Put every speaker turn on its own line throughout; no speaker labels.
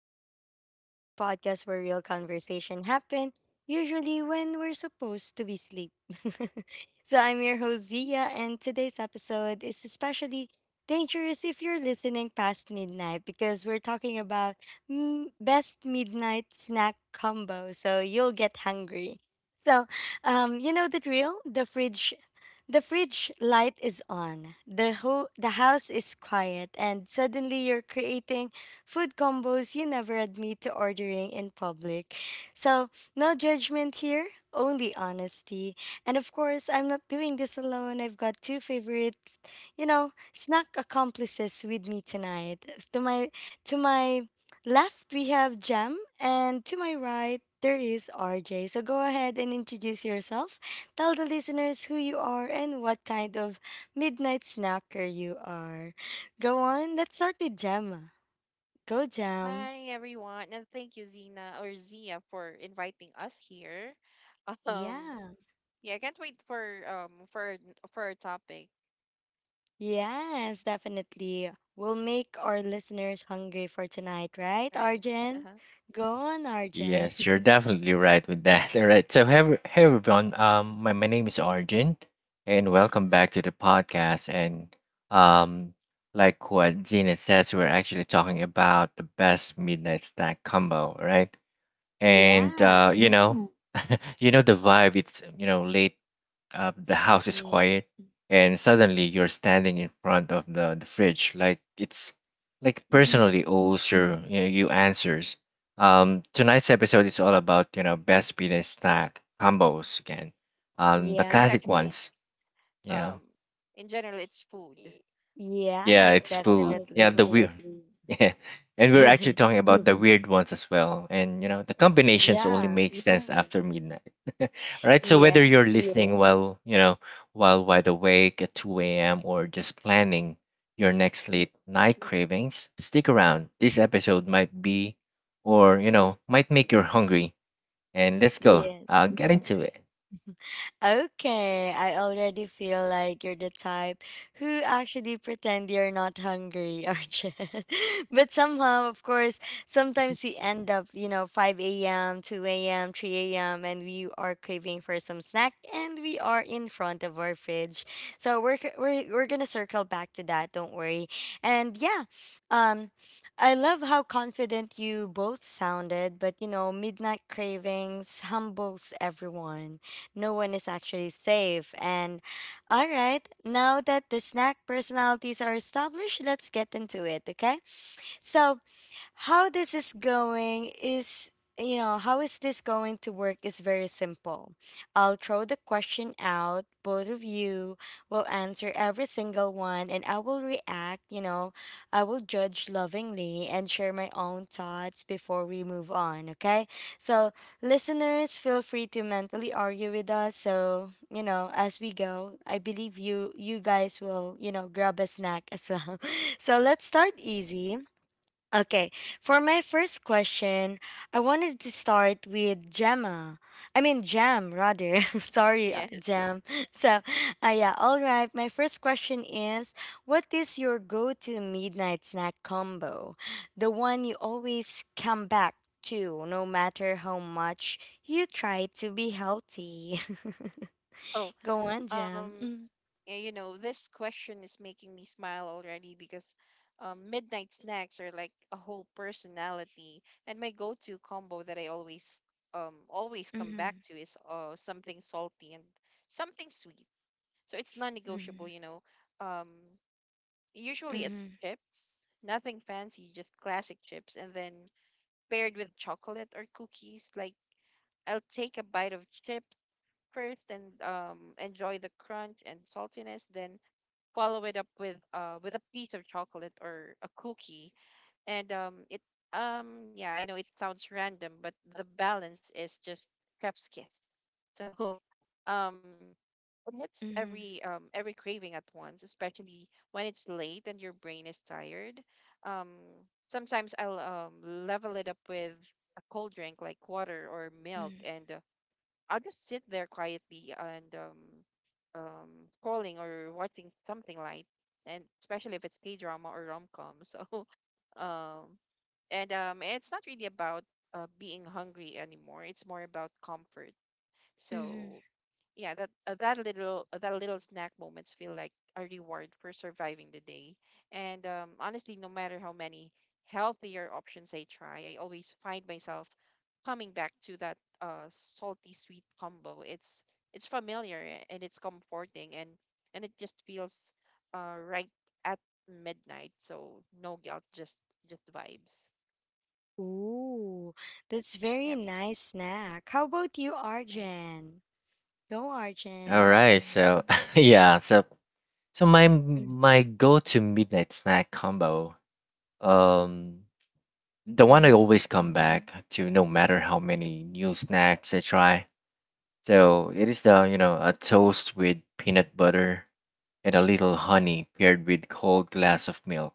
Talk Diaries, the podcast where real conversation happen, usually when we're supposed to be asleep. So I'm your host Zia, and today's episode is especially dangerous if you're listening past midnight because we're talking about best midnight snack combo. So you'll get hungry. So, you know the drill. The fridge light is on. The house is quiet and suddenly you're creating food combos you never admit to ordering in public. So, no judgment here, only honesty. And of course, I'm not doing this alone. I've got two favorite, snack accomplices with me tonight. To my to my left we have Jam and to my right there is RJ. So go ahead and introduce yourself. Tell the listeners who you are and what kind of midnight snacker you are. Go on, let's start with Gemma. Go, Gem.
Hi everyone, and thank you Zina or Zia for inviting us here. Um,
Yeah.
yeah, I can't wait for our topic,
Yes, definitely. We'll make our listeners hungry for tonight, right,
right?
Arjen?
Uh-huh.
Go on, Arjen.
Yes, you're definitely right with that. All right. So, hey everyone. My name is Arjun, and welcome back to the podcast. And um, like what Zena says, we're actually talking about the best midnight snack combo, right? And
Yeah.
uh, you know, Mm. You know the vibe. It's late, the house is
Yeah.
quiet, and suddenly you're standing in front of the fridge, like it's like personally
Mhm.
owes you answers. Tonight's episode is all about best beaten snack combos again, the
It's
Yeah.
classic
actually
ones, yeah.
um in general it's food. It's
Y-
Yeah,
Yes,
it's
all about
food. Yeah, the
definitely.
totally weird. Yeah, and we're actually talking about the Mm-hmm. weird ones as well. And you know, the combinations only
Yeah.
make sense Yeah. after midnight. All right. So whether you're
Yes.
listening Yes. while while wide awake at 2 a.m. or just planning your next
Mm,
late night cravings, stick around. This episode might be,
mm.
might make you hungry. And let's go.
Yes.
I'll get Mm-hmm. into it.
Okay, I already feel like you're the type who actually pretend you're not hungry, Arjun, but somehow, of course, sometimes we end up, you know, 5 a.m., 2 a.m., 3 a.m., and we are craving for some snack and we are in front of our fridge. So we're going to circle back to that, don't worry. And yeah, um, I love how confident you both sounded, but you know, midnight cravings humbles everyone, no one is actually safe. And all right, now that the snack personalities are established, let's get into it, okay? So, how this is going is you know how is this going to work is very simple. I'll throw the question out, both of you will answer every single one, and I will react. I will judge lovingly and share my own thoughts before we move on, okay? So listeners, feel free to mentally argue with us. So you know, as we go, I believe you guys will, you know, grab a snack as well. So let's start easy. Okay, for my first question, I wanted to start with Gemma. I mean, Jam,
food.
rather. Sorry,
Yes.
Jam. So, yeah, all right. My first question is, what is your go to midnight snack combo? The one you always come back to, no matter how much you try to be healthy.
Oh,
Go on, Jam.
um,
Mm-hmm.
you know, this question is making me smile already because midnight snacks are like a whole personality. And my go-to combo that I always come
Mm-hmm.
back to is something salty and something sweet. So it's non-negotiable,
Mm-hmm.
you know. Um, usually it's
Mm-hmm.
chips, nothing fancy, just classic chips, and then paired with chocolate or cookies. Like I'll take a bite of chips first and enjoy the crunch and saltiness, then follow it up with with a piece of chocolate or a cookie and it yeah, I know it sounds random, but the balance is just chef's kiss. So um it hits
Mm-hmm.
every craving at once, especially when it's late and your brain is tired. Um, sometimes I'll level it up with a cold drink like water or milk, and I'll just sit there quietly and scrolling or watching something light, and especially if it's K drama or rom com. So, um, and it's not really about being hungry anymore. It's more about comfort. So
Mm-hmm.
yeah, that little snack moments feel like a reward for surviving the day, and honestly, no matter how many healthier options I try, I always find myself coming back to that salty sweet combo. It's familiar and it's comforting, and it just feels right at midnight. So no guilt, just vibes.
Ooh, that's very
Yep.
nice snack. How about you,
Right.
Arjen? Go,
All
Arjen.
right. So yeah. So so my
Mm.
my go-to midnight snack combo. Um, the one I
Mm-hmm.
always come back to, no matter how many new snacks I try. So it is the you know a toast with peanut butter and a little honey paired with cold glass of milk.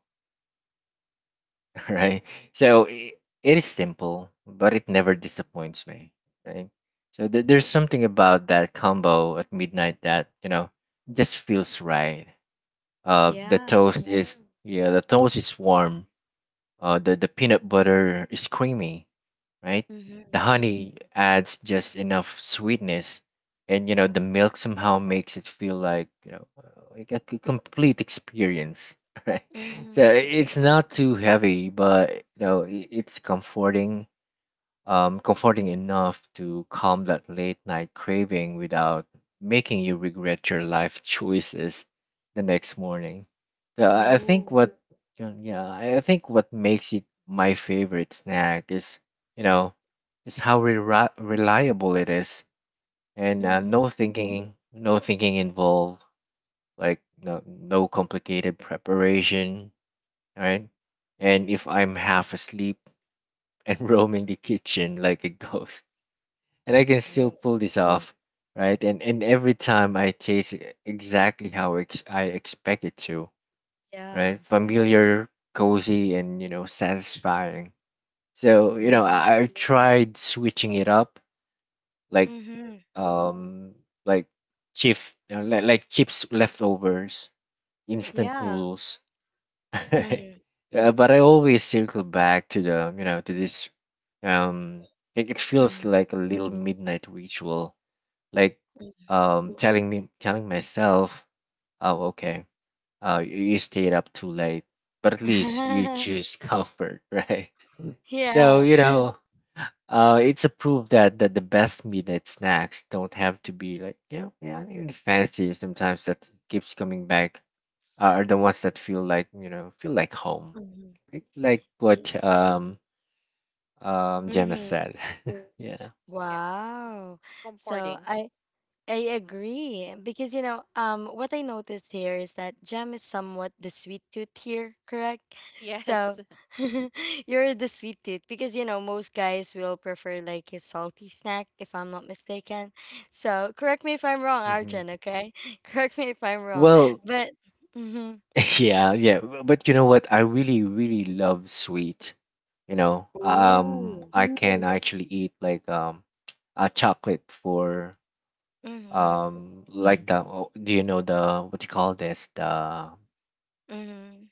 Right. So it is simple, but it never disappoints me. Right. So there's something about that combo at midnight that just feels right. Uh, the
Yeah.
toast is yeah, the toast is warm. The peanut butter is creamy, right? The
Mm-hmm.
honey adds just enough sweetness, and the milk somehow makes it feel like like a complete experience, right?
Mm-hmm.
So it's not too heavy, but it's comforting, comforting enough to calm that late night craving without making you regret your life choices the next morning. So
Yeah.
I I think
Ooh.
what yeah, yeah, I I think what makes it my favorite snack is, you know, is how reliable it is, and
Mm-hmm.
no thinking, no thinking involved, like no complicated preparation, right? And if I'm half asleep and roaming the kitchen like a ghost and I can still pull this off, right? And every time I taste it exactly how I expect it to,
Yeah.
right? Familiar, cozy, and you know, satisfying. So you know,
Yeah.
I tried switching it up, like
Mm-hmm.
um, like chips, you know, like chips leftovers, instant
Yeah.
noodles.
Mm-hmm.
But I always circle back to the you know to this um. It feels
Mm-hmm.
like a little midnight ritual like telling me, telling myself, oh okay, you you stayed up too late but at least you choose comfort, right? So
Yeah.
you know, it's a proof that the best midnight snacks don't have to be like yeah yeah even fancy. Sometimes that keeps coming back, are the ones that feel like feel like home,
Mm-hmm.
like what Gemma
Mm-hmm.
said. Yeah.
Yep. Mhm.
Wow. So
Comforting.
I agree because, what I noticed here is that Jam is somewhat the sweet tooth here, correct?
Yes.
So you're the sweet tooth because you know most guys will prefer like a salty snack if I'm not mistaken. So correct me if I'm wrong,
hmm
Arjun. Okay, correct me if I'm wrong,
Well,
but mm-hmm.
but you know what? I really, really love sweet. You know,
Ooh.
I can actually eat like a chocolate for
Mm-hmm,
like the oh, do you know the what do you call this
mm-hmm,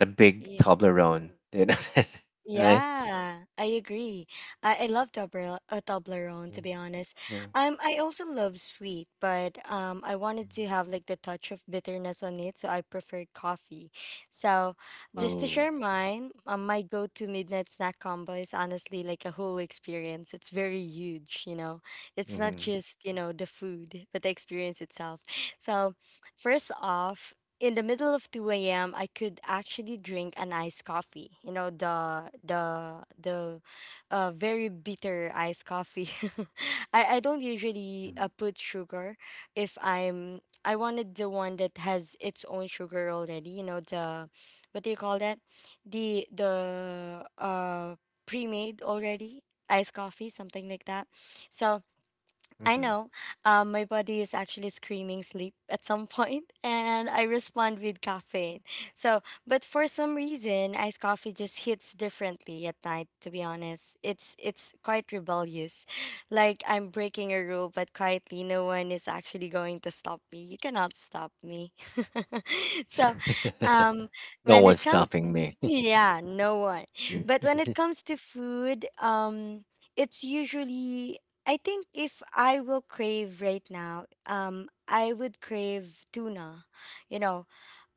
the big
yeah.
Toblerone, you know, that, right?
Yeah, I agree. I love Toblerone,
Yeah.
to be honest.
Yeah.
I also love sweet, but I wanted
Mhm.
to have like the touch of bitterness on it, so I preferred coffee. So, just to
Coffee.
Ooh.
share mine, my go-to midnight snack combo is honestly like a whole experience. It's very huge, you know. It's not
Mm-hmm.
just you know the food, but the experience itself. So, first off, in the middle of 2 a.m. I could actually drink an iced coffee. You know, the very bitter iced coffee. I don't usually put sugar. If I'm I wanted the one that has its own sugar already, you know, the what do you call that? The pre-made already iced coffee, something like that. So I
Mm-hmm.
know. My body is actually screaming sleep at some point, and I respond with caffeine. So, but for some reason, iced coffee just hits differently at night. To be honest, it's quite rebellious, like I'm breaking a rule, but quietly, no one is actually going to stop me. You cannot stop me. So, um,
No
when it
one's
comes,
stopping me.
yeah, no one. But when it
Mm-hmm.
comes to food, it's usually, I think if I will crave right now, I would crave tuna. You know,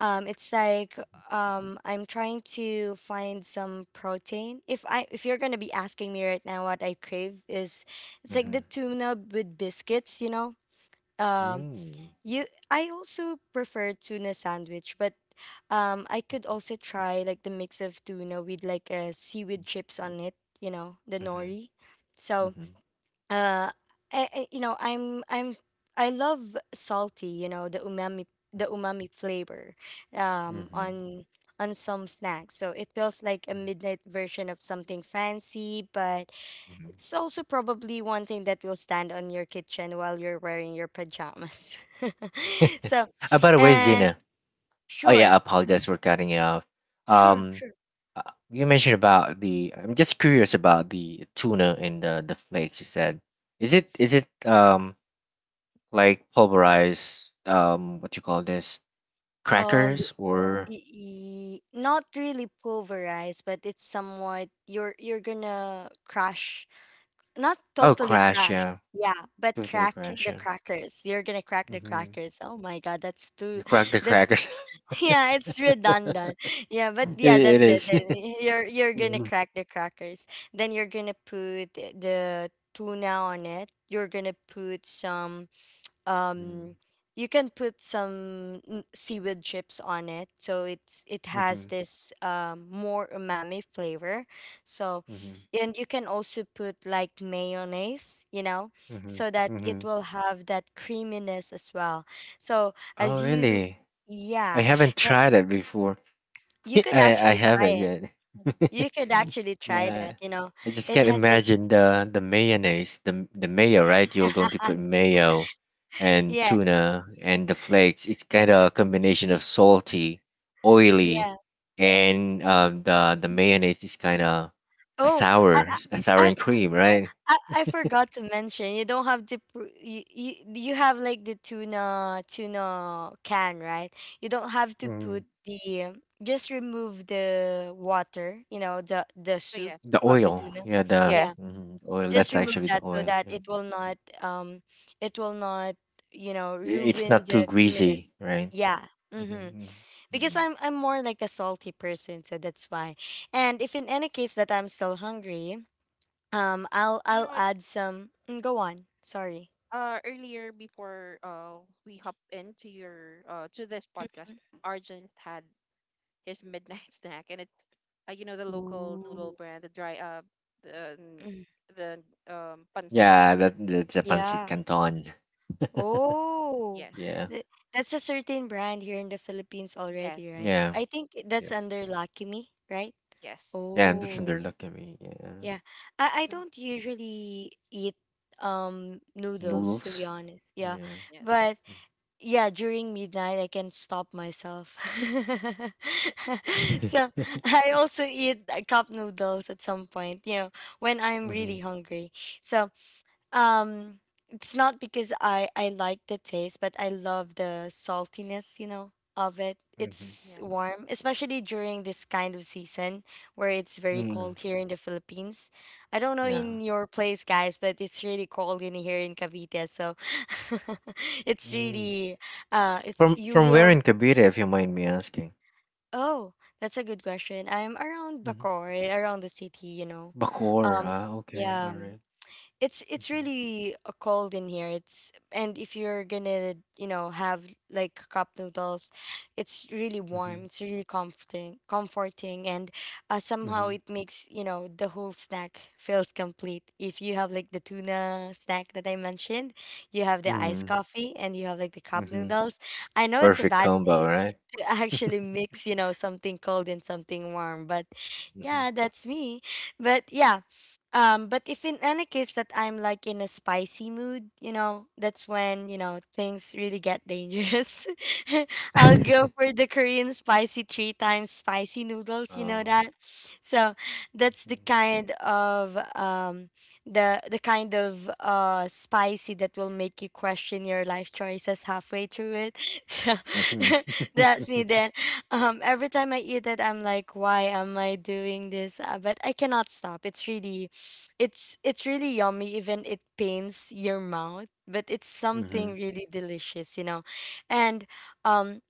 it's like I'm trying to find some protein. If I if you're gonna be asking me right now what I crave is, it's like the tuna with biscuits. You know, um,
Mm-hmm.
you I also prefer tuna sandwich, but I could also try like the mix of tuna with like a seaweed chips on it. You know, the
Mm-hmm.
nori. So uh I, I you know i'm i'm I love salty, you know, the umami flavor um
Mm-hmm.
on on some snacks. So it feels like a
Mm-hmm.
midnight version of something fancy, but it's also probably one thing that will stand on your kitchen while you're wearing your pajamas. So
By the way,
and
Zena. Oh yeah,
sure
I apologize for cutting you off.
sure
Um,
sure
uh, you mentioned about the. I'm just curious about the tuna and the flakes. You said, is it like pulverized, what you call this?
um
Crackers or
Not really pulverized, but it's somewhat you're gonna crush. Not
oh,
totally
crash,
crash.
yeah,
Yeah, but
totally
crack
crash,
the
yeah.
crackers. You're gonna crack the
Mm-hmm.
crackers. Oh my god, that's too
You crack the
that's
crackers. it,
yeah, it's redundant. Yeah, but yeah,
it
that's it.
is.
Then you're gonna
Mhm.
crack the crackers. Then you're gonna put the tuna on it. You're gonna put some
Mm.
um you can put some seaweed chips on it, so it
Mm-hmm.
has this more umami flavor. So
Mm-hmm.
and you can also put like mayonnaise, you know,
Mm-hmm.
so that
Mm-hmm.
it will have that creaminess as well. So
Oh,
as you
really? I
yeah,
haven't
and
tried it before.
you could
I
actually try
haven't
it.
yet.
You could actually try
Yeah.
that, you know.
I just
It
can't
has its
imagine the mayonnaise, the mayo, right? You're going to put mayo and
yeah
tuna and the flakes. It's kind of a combination of salty, oily,
yeah
and the mayonnaise is kind of
oh i
a sour
i,
and cream, right?
I forgot to mention, you don't have to you have like the tuna can, right? You don't have to
Mm.
put the just remove the water, you know, the
Oh
soup
yes.
The
of the
oil,
tuna.
yeah, the
Yeah.
Yeah,
mhm, oil.
just
That's
So,
remove
actually
that
the
so
oil.
that
Yeah.
it will not it will not you know
I- It's
ruin
not too
the creaminess.
greasy, right?
Yeah, mm-hmm,
Mhm,
because
mhm.
I'm more like a salty person, so that's why. And if in any case that I'm still hungry, I'll
you know
I'll
what,
add some. Mm, go on. Sorry.
earlier before we hop into your to this podcast, Arjun just had his midnight snack, and it's you know, the local noodle
Ooh.
brand, the dry the
Mm,
the pancit
Yeah,
canton.
that that's a pancit
yeah.
canton.
Oh,
Yes.
Yeah,
th- that's a certain brand here in the Philippines
Yes.
already, right?
yeah,
I think that's
yeah,
under Lucky Me, right?
Yes.
yeah. That's under
Oh,
luck. I mean, yeah,
yeah. I
the,
don't usually eat noodles, to be
noodles.
honest. Yeah,
Yeah.
yes.
but yeah, during midnight I can stop myself. So I also eat cup noodles at some point, you know, when I'm
Mm-hmm.
really hungry. So um, it's not because I like the taste, but I love the saltiness, you know, of it.
Mm-hmm.
It's
Yeah.
warm, especially during this kind of season where it's very
Mm-hmm.
cold here in the Philippines. I don't know
Yeah.
in your place, guys, but it's really cold in here in Cavite, so it's
Mm.
really it's you
From where in
will
Kabira, if you mind me asking?
Oh, that's a good question. I'm around
Mm-hmm.
Bacoor, around the city, you know.
Bacoor.
Um,
Ah, okay. All
yeah
right.
it's
Mm-hmm.
really cold in here. It's and If you're gonna you know have like cup noodles, it's really warm.
Mm-hmm.
It's really comforting, and somehow
Mm-hmm.
it makes, you know, the whole snack feels complete. If you have like the tuna snack that I mentioned, you have the iced
Mm-hmm.
coffee, and you have like the cup
Mm-hmm.
noodles. I know it's a
Perfect
bad
combo,
thing
right?
to actually mix, you know, something cold and something warm, but
Mm-hmm.
yeah, that's me. But but if in any case that I'm like in a spicy mood, you know, that's when, you know, things really get dangerous. I'll go for the Korean spicy 3 times spicy noodles, you know
Oh.
that? So that's the kind of the kind of spicy that will make you question your life choices halfway through it. So
Mm-hmm.
that's me. Then every time I eat it, I'm like, why am I doing this? But I cannot stop. It's really, it's really yummy. Even it pains your mouth, but it's
Mm-hmm.
something really delicious, you know. And um,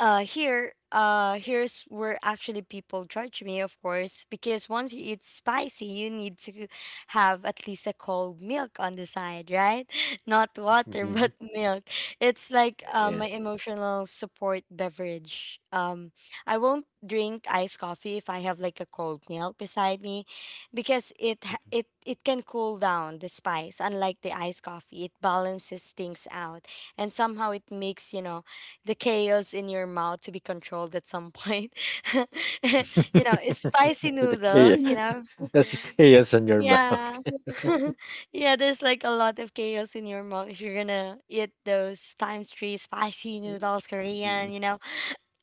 here's where actually people judge me, of course, because once you eat spicy, you need to have at least a cold milk on the side, right? Not water
Mm-hmm.
but milk. It's like
Yeah.
my emotional support beverage. I won't drink iced coffee if I have like a cold milk beside me, because it it can cool down the spice. Unlike the iced coffee, it balances things out, and somehow it makes, you know, the chaos in your mouth to be controlled at some point. You know, it's spicy
The
noodles, you
chaos.
know.
That's chaos on your mouth.
Yeah. Yeah, there's like a lot of chaos in your mouth if you're gonna eat those times three spicy noodles,
Yeah.
Korean, you know,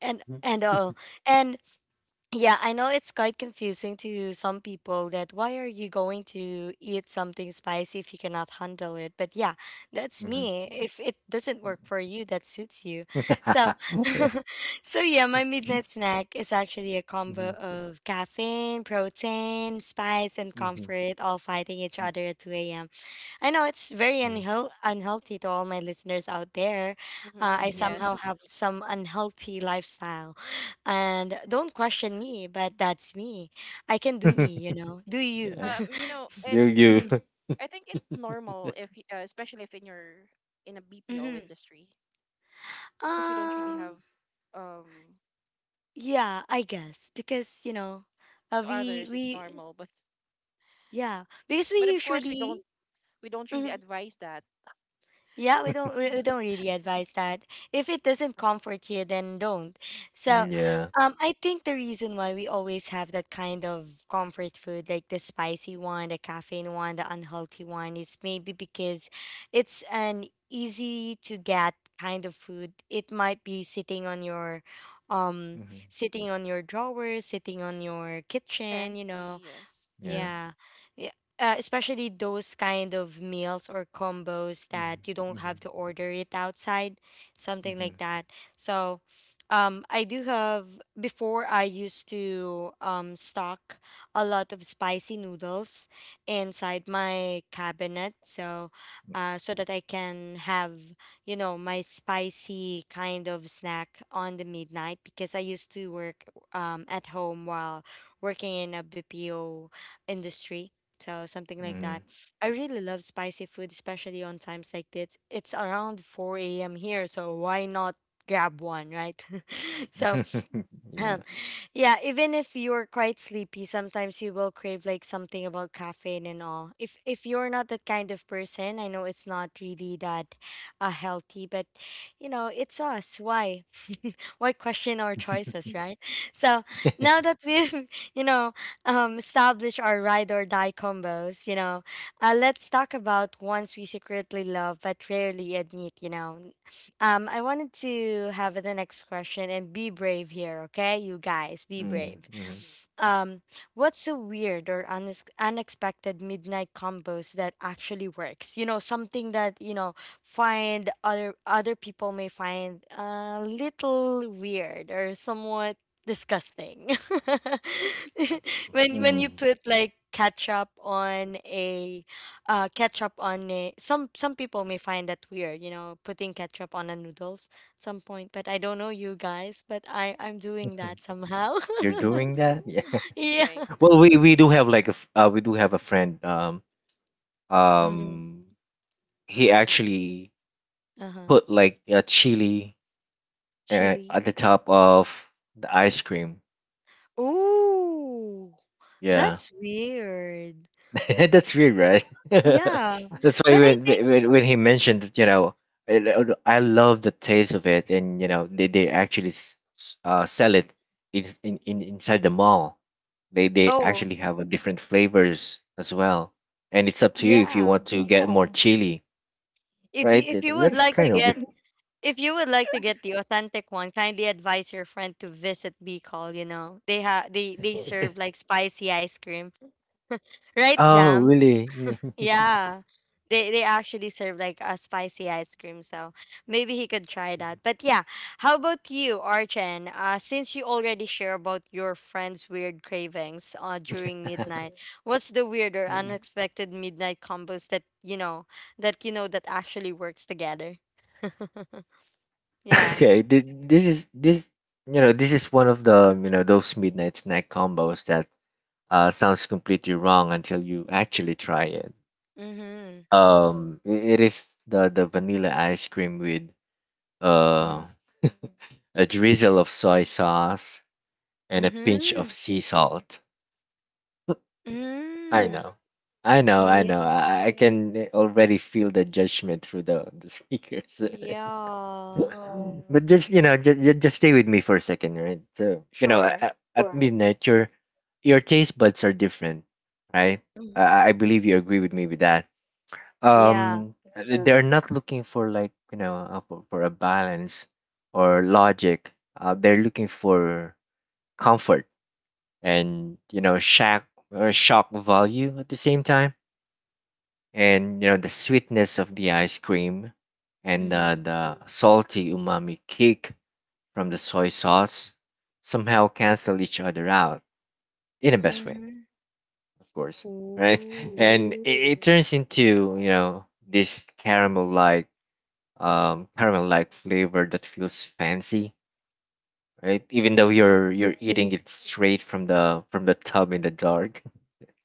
and all. And yeah, I know it's quite confusing to some people that why are you going to eat something spicy if you cannot handle it? But yeah, that's
Mhm.
me. If it doesn't
Mhm.
work for you, that suits you. So,
Yeah.
so yeah, my midnight snack is actually a combo
Mhm.
of caffeine, protein, spice, and
Mhm.
comfort all fighting each other at 2 a.m. I know it's very
Mhm.
unhealthy to all my listeners out there.
Mm-hmm.
Mhm.
I
Yes.
somehow have some unhealthy lifestyle. And don't question me, but that's me. I can
Mhm.
do me, you know. Do you?
Yeah.
Um, you know
You
it's,
you
I think it's normal if especially if in your in a BPO
Hmm.
industry, because we don't really have
Um,
um
yeah, I
yeah,
guess because you know, uh,
to
we
others it's
we
normal, but
yeah, because
But
we
of course, we don't,
usually.
we don't really
Mhm.
advise that.
Yeah, we
Mhm.
don't really advise that. If it doesn't comfort you, then don't. So,
Yes,
Yeah.
I think the reason why we always have that kind of comfort food, like the spicy one, the caffeine one, the unhealthy one, is maybe because it's an easy to get kind of food. It might be um,
Mhm.
sitting on your drawer, sitting on your kitchen.
pantry. Yes.
Yeah.
Yeah. Yeah. Especially those kind of meals or combos that
Mhm.
you don't
Mhm.
have to order it outside, something
Mhm.
like that. So, I do have, before I used to stock a lot of spicy noodles inside my cabinet. So, so that I can have, you know, my spicy kind of snack on the midnight because I used to work at home while working in a BPO industry. So something like that.
Mhm.
I really love spicy food, especially on times like this. It's around 4 a.m. here, so why not grab one, right? So.
Yeah.
Ahem. Yeah, even if you're quite sleepy, sometimes you will crave like something about caffeine and all. If you're not that kind of person, I know it's not really that healthy, but you know, it's us. Why? Why question our choices, right? So, now that we've, you know, established our ride or die combos, you know, let's talk about ones we secretly love but rarely admit, you know. I wanted to have the next question and be brave here, okay? You guys, be
Mhm.
brave.
Mhm.
Um, what's a weird or unexpected midnight combos that actually works? You know, something that, you know, find other people may find a little weird or somewhat disgusting. When you
Mm.
put like ketchup on a, some people may find that weird, you know, putting ketchup on a noodles at some point. But I don't know, you guys, but I'm doing that somehow.
You're doing that? Yeah.
Yeah.
Right.
Well, we
Mm-hmm.
do have like a we do have a friend um
Hmm.
he actually
Uh-huh.
put like a chili
Chili.
at the top of the ice cream.
Ooh.
Yeah.
That's weird.
That's weird, right?
Yeah,
That's why
but I
when,
think.
when he mentioned that, you know, I love the taste of it, and you know they actually sell it in inside the mall. They
Oh.
actually have a different flavors as well, and it's up to you if you
Yeah.
want to get more chili, right?
If
That-
you would
that's
like to
kind of
get
weird.
If you would like to get the authentic one, kindly advise your friend to visit Bicol. You know, they have they serve like spicy ice cream. Right,
Oh,
Jam?
really?
Yeah. They actually serve like a spicy ice cream, so maybe he could try that. But yeah, how about you, Archen? Since you already share about your friend's weird cravings, during midnight, what's the weird or unexpected midnight combos that you know that actually works together? Yeah.
Okay, this is one of the you know those midnight snack combos that sounds completely wrong until you actually try it.
Mhm.
It is the vanilla ice cream with uh
Mm.
a drizzle of soy sauce and a pinch of
Mhm.
sea salt. I
Mhm.
know, I know.
Yeah.
I can already feel the judgment through the speakers.
Yeah.
Oh, but just you know, just stay with me for a second, right? So you know,
Sure.
at sure. midnight, your taste buds are different, right?
Mm.
I believe you agree with me with that.
Yeah.
They sure are not looking for like for a balance or logic. They're looking for comfort and you know shock or shock value at the same time, and you know the sweetness of the ice cream and
Mm-hmm.
the salty umami kick from the soy sauce somehow cancel each other out in the best way,
Mm-hmm.
of course, right?
Ooh.
And it turns into this caramel like flavor that feels fancy, right? Even though
Mm-hmm.
you're eating it straight from the tub in the dark,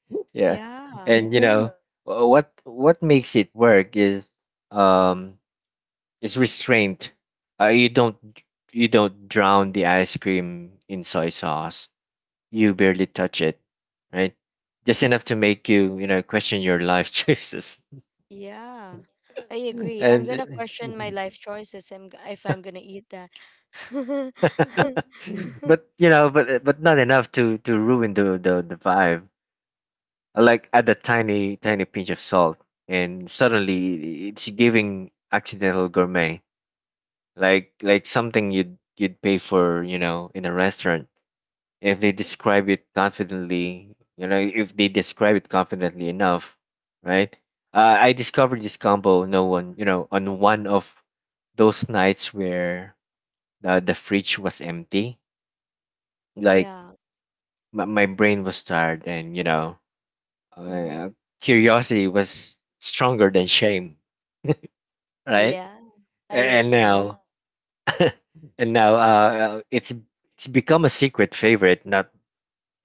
yeah.
Yeah.
And you know, what makes it work um is restraint. You don't drown the ice cream in soy sauce, you barely touch it, right? Just enough to make you, you know, question your life choices,
Yeah. I agree. I'm gonna
and
question my life choices. If I'm gonna eat that.
but you know, but not enough to ruin the vibe. Like add a tiny pinch of salt, and suddenly it's giving accidental gourmet, like something you'd pay for, you know, in a restaurant if they describe it confidently, you know if they describe it confidently enough, right? Uh, I discovered this combo, no one you know, on one of those nights where the fridge was empty, like
Yeah.
my brain was tired, and you know,
Mm-hmm.
uh, curiosity was stronger than shame, right?
Yeah.
A-
I
and
agree.
now And now uh, it's it's become a secret favorite, not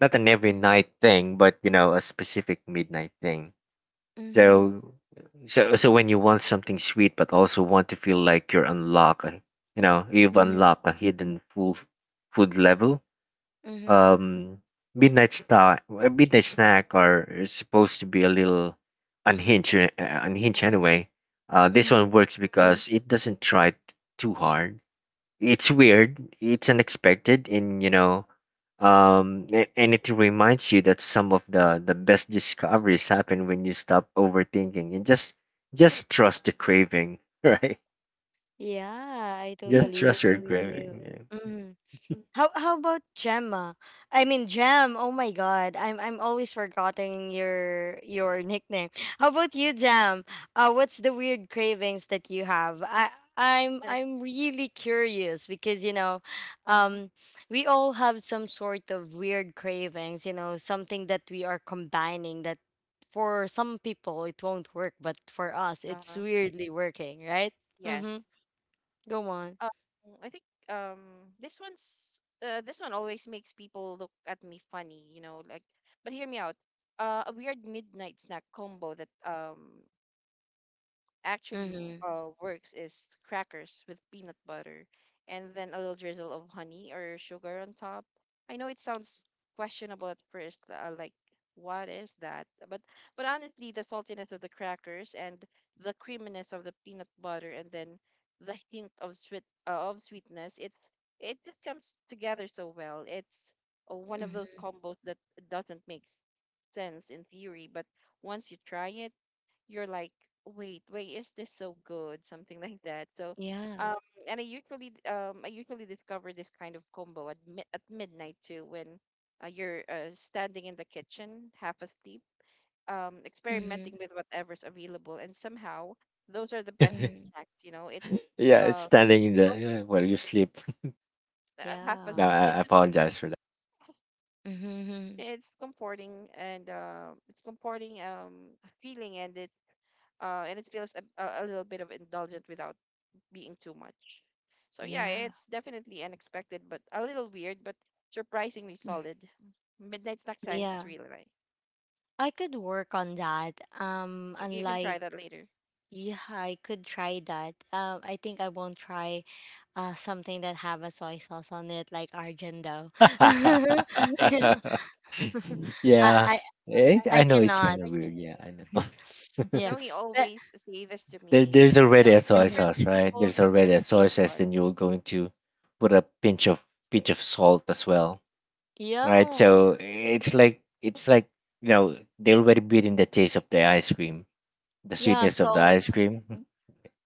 not an every
Mm-hmm.
night thing but you know a specific midnight thing.
Mm-hmm.
So, so when you want something sweet but also want to feel like you're unlock, you know, you've unlocked a hidden full food level.
Mm-hmm.
Um, midnight snack, are is supposed to be a little unhinged, anyway. This
Mm-hmm.
one works because it doesn't try too hard. It's weird, it's unexpected, and you know, and it reminds you that some of the best discoveries happen when you stop overthinking and just trust the craving, right?
Yeah, I
Just
totally
trust
agree
your
with you.
craving.
Mm-hmm. How about Gemma? I mean Gem. Oh my god. I'm always forgetting your nickname. How about you, Gem? Uh, what's the weird cravings that you have? I I'm
And
I'm really curious because you know,
mm
um we all have some sort of weird cravings, you know, something that we are combining that for some people it won't work, but for us it's
uh-huh.
weirdly working, right? Mhm.
Yes.
Go on.
Um, I think this one's, this one always makes people look at me funny, you know, like, but hear me out. A weird midnight snack combo that actually
Mhm.
works is crackers with peanut butter and then a little drizzle of honey or sugar on top. I know it sounds questionable at first, like, what is that? But honestly, the saltiness of the crackers and the creaminess of the peanut butter and then the hint of sweetness, it just comes together so well. It's one of those
Mhm.
combos that doesn't make sense in theory, but once you try it, you're like, wait, why is this so good? Something like that. So,
Yeah.
um, and I usually discover this kind of combo at midnight too, when you're standing in the kitchen half asleep, experimenting with whatever's available, and somehow those are the best
Yeah,
Mm,
snacks. You know, it's
yeah, it's
uh
standing in
com-
the yeah, while you sleep.
half
yeah.
No,
asleep,
I
yeah.
apologize for Mhm. that.
Mm-hmm.
It's comforting, and it's comforting feeling, and it feels a little bit of indulgent without being too much. So yeah,
Yeah.
it's definitely unexpected, but a little weird, but surprisingly
Mm.
solid. Midnight Snack Science is
Yeah.
really like,
I could work on that.
you can
Unlike,
try that later.
yeah, I could try that. I think I won't try something that have a soy sauce on it like argento.
Yeah,
I,
eh,
I I
I know it's
cannot.
kind of weird. Yeah, I know.
You
Yeah.
know, he
But
always say this to
There,
me.
there's
You
already
know,
a soy
different
mhm.
sauce, right?
people,
There's already
different
a
taste
soy sauce, and
buds.
you're going to put a pinch of salt as well, right?
Yeah.
So it's like you know they already beat in the taste of the ice cream, the
Yeah,
sweetness of the
so
ice cream. Mhm.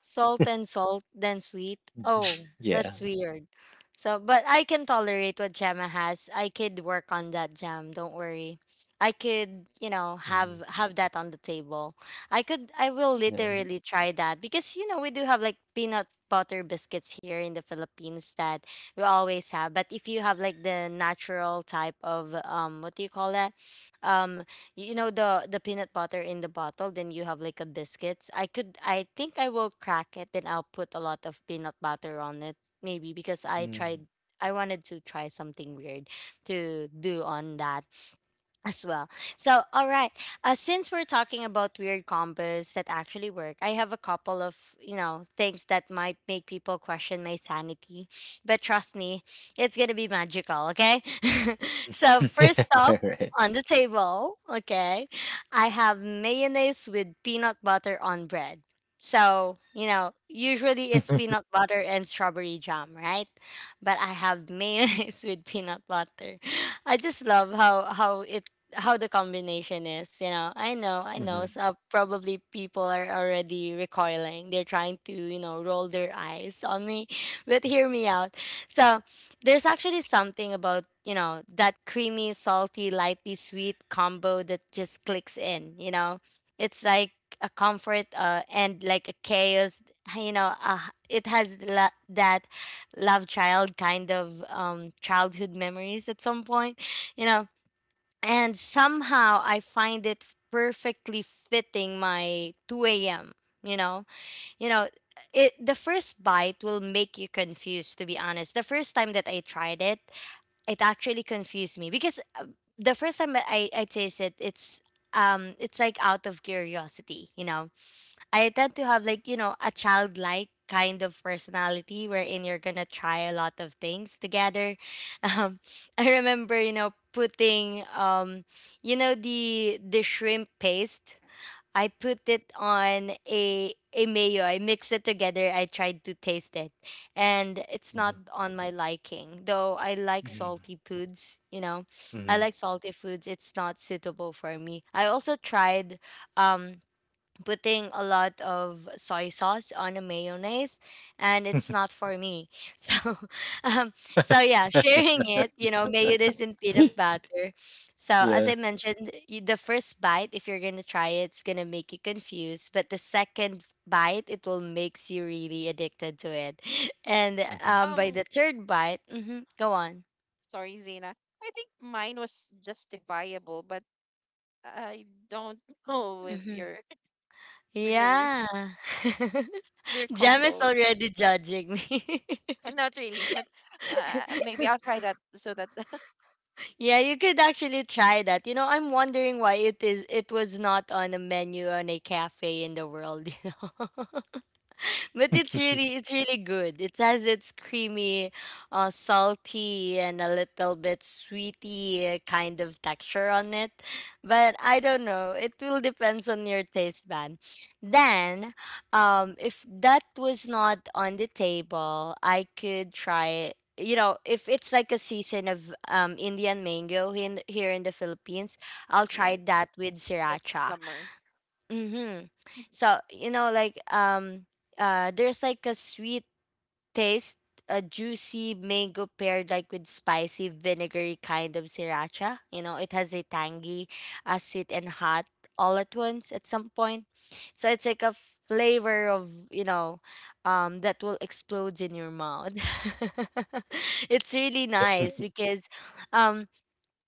salt and salt, then sweet. Oh, that's weird. So, but I can tolerate what Gemma has. I could work on that, jam. Don't worry. I could, you know, have that on the table. I could. I will
Mhm. Yeah. Mm. All right.
literally try that because you know we do have like peanut butter biscuits here in the Philippines that we always have. But if you have like the natural type of what do you call that? Um you know the peanut butter in the bottle, then you have like a biscuits. I think I will crack it, then I'll put a lot of peanut butter on it, maybe because
Mm.
I wanted to try something weird to do on that as well. So, all right. Since we're talking about weird combos that actually work, I have a couple of you know things that might make people question my sanity, but trust me, it's gonna be magical. Okay. So first off
All right.
on the table, okay. I have mayonnaise with peanut butter on bread. So, you know, usually it's peanut butter and strawberry jam, right? But I have mayonnaise with peanut butter. I just love how the combination is, you know. I know, I know. So probably people are already recoiling. They're trying to, you know, roll their eyes on me. But hear me out. So there's actually something about, you know, that creamy, salty, lightly sweet combo that just clicks in, you know? It's like a comfort, and like a chaos, you know, it has that love child kind of childhood memories at some point, you know? And somehow I find it perfectly fitting my 2 a.m., you know? You know, it the first bite will make you confused, to be honest. The first time that I tried it, it actually confused me because the first time I tasted it's like out of curiosity, you know. I tend to have like you know a childlike kind of personality wherein you're gonna try a lot of things together. um I remember, you know, putting you know the shrimp paste. I put it on a mayo. I mix it together. I tried to taste it, and it's not on my liking. Though I like
Mhm.
salty foods, you know,
Mhm.
I
Mhm.
like salty foods. It's not suitable for me. I also tried um putting a lot of soy sauce on a mayonnaise, and it's not for me. so um so yeah, sharing
Mhm.
it, you know, mayonnaise and peanut butter. So as
Yeah.
I mentioned, the first bite, if you're gonna try it, it's gonna make you confused. But the second bite, it will makes you really addicted to it. And
Mhm.
by
Um,
the third bite. Mhm, go on.
sorry, Zena. I think mine was justifiable, but I don't know with
Hmm.
your with your
Yeah.
with your
Jam is
combo.
already judging me.
Not really, but maybe I'll try that so that.
Yeah, you could actually try that. You know, I'm wondering why it is it was not on a menu on a cafe in the world, you know. But it's really it's really good. It has its creamy, salty and a little bit sweety kind of texture on it. But I don't know. It will depends on your taste bud. Then, if that was not on the table, I could try. You know, if it's like a season of Indian mango here in the Philippines, I'll try
Yes,
that with
that
sriracha.
summer.
Mm-hmm. So, you know, like there's like a sweet taste, a juicy mango paired like with spicy vinegary kind of sriracha. You know, it has a tangy, sweet and hot all at once at some point. So it's like a flavor of, you know, that will explode in your mouth. It's really nice
Mhm.
because um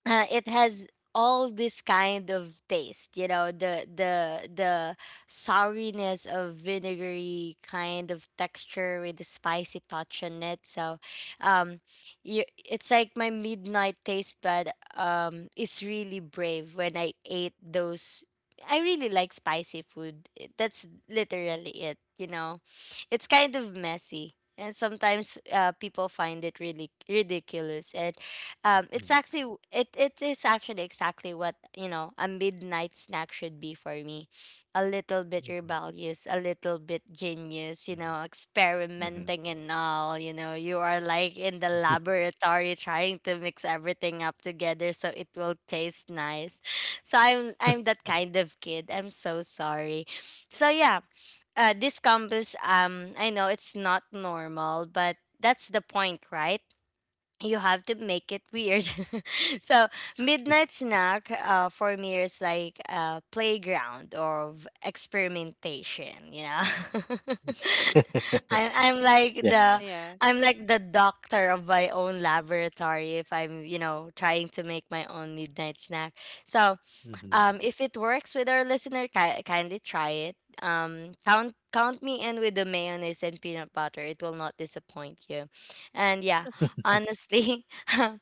it has all this kind of taste, you know, the souriness of vinegary kind of texture with the spicy touch on it. Um it's like my midnight taste bud. It's really brave when I ate those. I really like spicy food. That's literally it, you know. It's kind of messy, and sometimes people find it really ridiculous. And It's actually it is actually exactly what, you know, a midnight snack should be for me. A little bit
Mhm.
rebellious, a little bit genius, you know,
Mhm.
experimenting and all. You know, you are like in the laboratory trying to mix everything up together so it will taste nice. So I'm that kind of kid. I'm so sorry. So yeah, this compass, I know it's not normal, but that's the point, right? You have to make it weird. So midnight snack, for me, is like a playground of experimentation. You know,
Yeah, like.
I'm like
yeah.
the
Yeah.
I'm like the doctor of my own laboratory if I'm, you know, trying to make my own midnight snack. So
hmm
if it works with our listener, kindly try it. Count me in with the mayonnaise and peanut butter. It will not disappoint you. And yeah, honestly,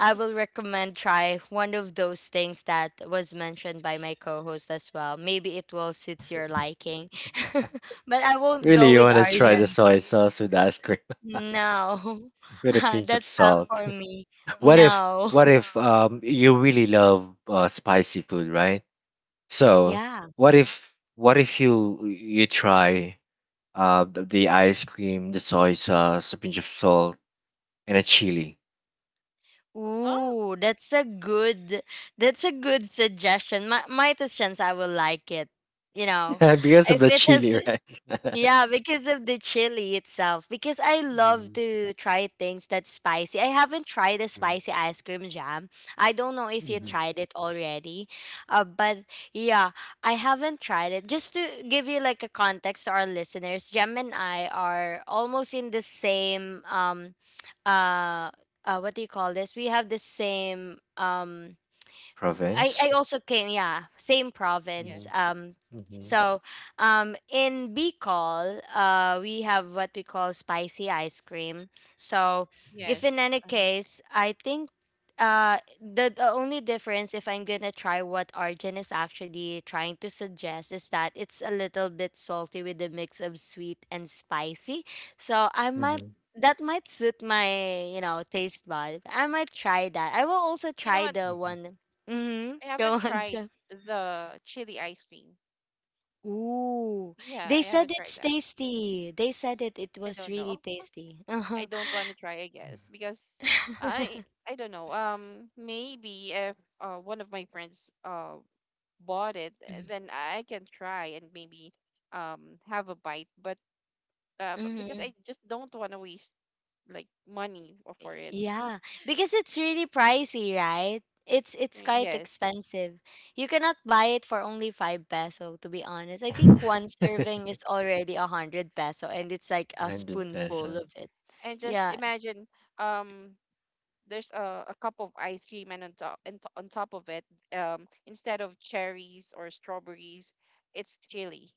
I will recommend try one of those things that was mentioned by my co-host as well. Maybe it will suit your liking, but I won't
Really,
go
you
with
want to try the
Arjan.
soy sauce with ice cream
No,
with a pinch of
that's not
salt?
for me.
What if,
No.
what if um you really love spicy food, right? So
Yeah.
what if you try the ice cream, the soy sauce, a pinch of salt, and a chili?
Oh.
Ooh, that's a good suggestion. Might as chance I will like it. You know,
Because of
if
the
it has
chili, right?
yeah, because of the chili itself. Because I love
hmm
to try things that's spicy. I haven't tried the spicy ice cream jam. I don't know if you
hmm
Hmm.
tried it already. But yeah, I haven't tried it. Just to give you like a context to our listeners, Jem and I are almost in the same uh what do you call this? We have the same um W- I
Province.
I also came, yeah, same province.
Mhm,
Yes.
mhm,
So in Bicol, we have what we call spicy ice cream. So if
mhm,
in
Yes.
any case, I think the only difference if I'm gonna try what Arjun is actually trying to suggest is that it's a little bit salty with a mix of sweet and spicy. So I might
mhm,
that might suit my, you know, taste bud. I might try that. I will also
You know
try
what?
the
mhm,
one. Mm-hmm.
I
Go
haven't
on,
tried
Jeff.
the chili ice cream.
Ooh,
Yeah,
they
I
said
haven't tried
it's
that.
tasty. They said it. It
I
was
don't
really
know.
tasty. Uh-huh.
I don't want to try, I guess, because I I don't know. Maybe if one of my friends bought it, then I can try and maybe have a bite. But because
Mm-hmm.
I just don't want to waste like money for it.
Yeah, because it's really pricey, right? It's it's quite
Yes,
expensive. You cannot buy it for only five peso, to be honest. I
mhm.
think one serving is already a hundred peso, and it's like a
100
spoonful
peso.
of it.
and just
Yeah,
imagine um there's a cup of ice cream, and on top and on top of it, instead of cherries or strawberries, it's chili.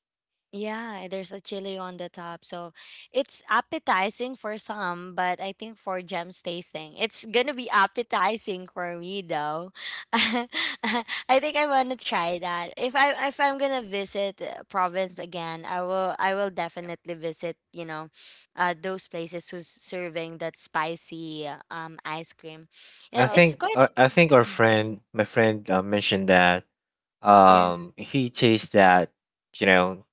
yeah, there's a chili on the top. So it's appetizing for some, but I think for Jem's tasting, it's gonna be appetizing for me though. I think I wanna try that. If I'm gonna visit, province again, I will
Yep.
definitely visit, you know, those places who's serving that spicy ice cream. You know,
Um,
it's quite
I think our friend, my friend, mentioned that
Mhm.
yes.
he tastes that you know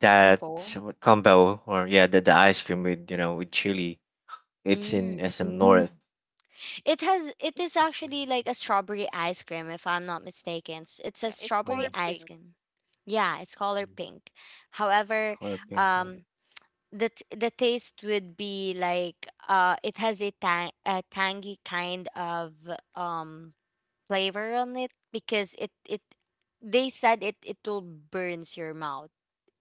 that
before.
what combo or yeah the ice cream with you know with chili. It's in
Mm.
SM North.
It is actually like a strawberry ice cream if I'm not mistaken. It's a
Yeah, it's
strawberry
color
Mm.
ice
pink.
cream. Yeah, it's color pink. However,
Color pink. Yeah.
um the taste would be like it has a, a tangy kind of um flavor on it because it they said it will burns your mouth.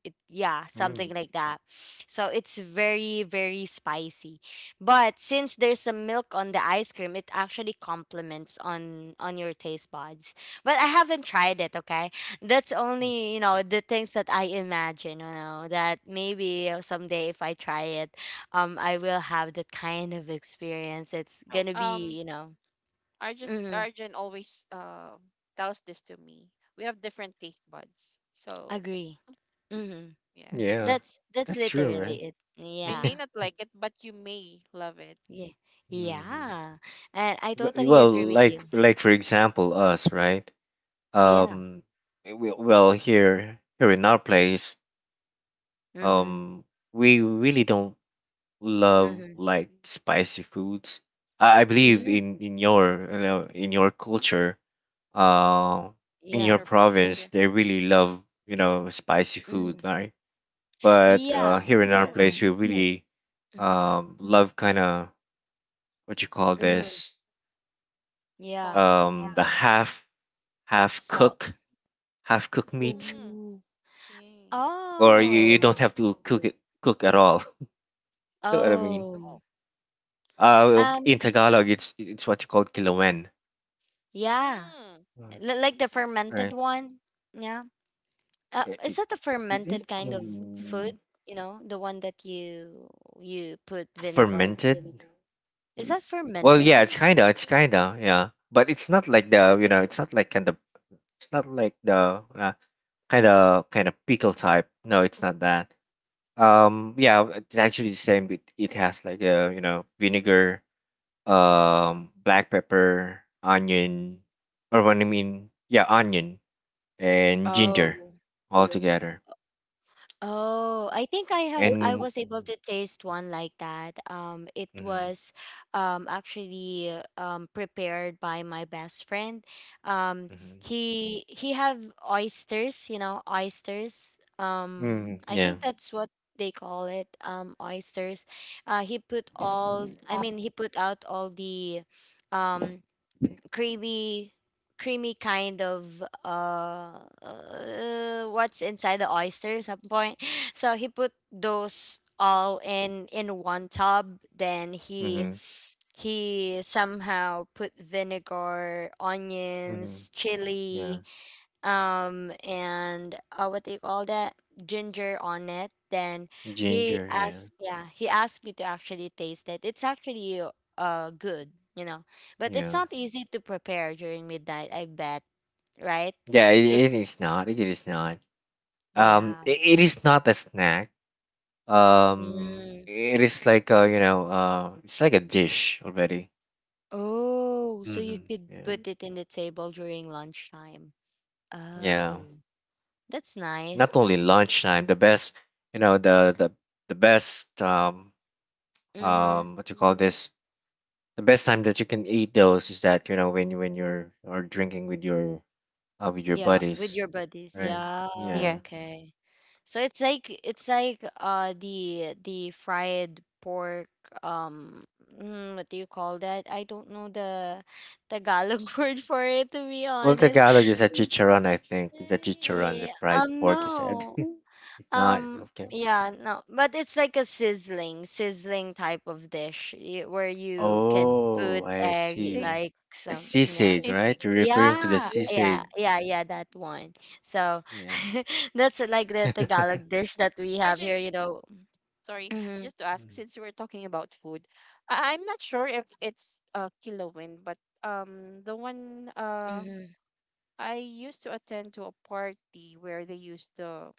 It, yeah,
Mm.
something like that. So it's very, very spicy, but since there's a milk on the ice cream, it actually complements on your taste buds. But I haven't tried it, okay. That's
Mm.
only, you know, the things that I imagine, you know, that maybe someday if I try it, I will have the kind of experience. It's
So
gonna be, you know,
arjun
mm,
arjun always tells this to me, we have different taste buds. So
agree, mm,
yeah,
Yeah,
that's
that's true,
literally it,
right?
I may
yeah.
not like it, but you may love it.
Yeah.
hmm
Yeah. And I totally
Well,
agree with
like
you.
like for example, us, right?
Yeah.
Mm-hmm.
Um, we, well here in our place.
Mm-hmm.
Um, we really don't love
Mm-hmm.
like spicy foods. I believe
Mm-hmm.
in your you know, in your culture, uh, in
In
your
our
Yeah.
province,
province
yeah.
they really love you know spicy
Mm-hmm.
food, right? But uh,
Yeah.
here in our
Yes,
place we really
Mm-hmm.
love kind of what you call
Mm-hmm.
this,
Yeah.
saucy.
um, the half half
Salt.
cook half cook meat,
Mm,
Ooh.
okay.
or you don't
Oh.
have to cook at all, you know what I mean.
Oh.
Oh.
In
Um,
Tagalog, it's what you call kilawen.
yeah.
Mm,
Mm.
L like the
I see. Yeah.
fermented
Right?
one. Yeah.
I-
Is
i-
that the fermented
It's
kind of food? You know, the one that you put vinegar.
fermented.
Is
Mm.
that
Well,
fermented?
yeah,
It's
it's kinda, yeah, but it's not like the, you know, it's not like kind of, it's not like the kind of pickle type. No, it's not that. Yeah, it's actually the same. It has like a, you know, vinegar, black pepper, onion, or what I mean, yeah, onion, and ginger
oh.
all together.
Oh, I think I have I
And
was able to taste one like that. It
hmm
was actually prepared by my best friend. Um
hmm
he have oysters, you know, oysters. Um, I
yeah,
think that's what they call it, um, oysters. He put all he put out all the um creamy creamy kind of what's inside the oyster some point. So he put those all in one tub. Then
hmm
he somehow put vinegar,
hmm
onions, chili,
yeah,
and what do you call that, ginger on it. Then he
ginger. Yeah,
asked yeah, he asked me to actually taste it. It's actually good, you know, but it's
yeah,
not easy to prepare during midnight, I bet, right?
yeah. It,
it's
it is not. It is not.
yeah.
It it is not a snack.
Mm.
It is like a you know, it's like a dish already.
Oh, so you
hmm
could
Yeah,
put it in the table during lunchtime.
yeah.
Oh, that's nice.
Not only lunchtime, the best, you know, the best
Mm-hmm.
what you call this, the best time that you can eat those is that you know when when you're or drinking with your
Yeah, with
buddies,
your buddies.
right? Mhm.
Yeah,
Yes.
Yeah. Yeah.
okay. So it's like the fried pork, um mm, what do you call that? I don't know the Tagalog word for it, to be
Well,
honest.
Tagalog is a chicharon, I think. It's a chicharon, the
Eh,
fried
um,
pork you said.
no.
It's not.
Um,
Okay.
yeah, no. But it's like a sizzling, sizzling type of dish, eh, where you can
Oh,
put
I
You
egg
take.
see.
like
The
some, yeah.
sisig,
Fishing.
right? You're referring to the
Yeah, yeah,
sisig.
yeah, yeah, that one. So
Yeah.
that's like the Tagalog dish that we have
Argent,
here, you know.
sorry,
Mm-hmm,
just to ask,
Mm,
since you were talking about food, I- I'm not sure if it's Kilawin, but the one
mm-hmm.
I used to attend to a party where they used the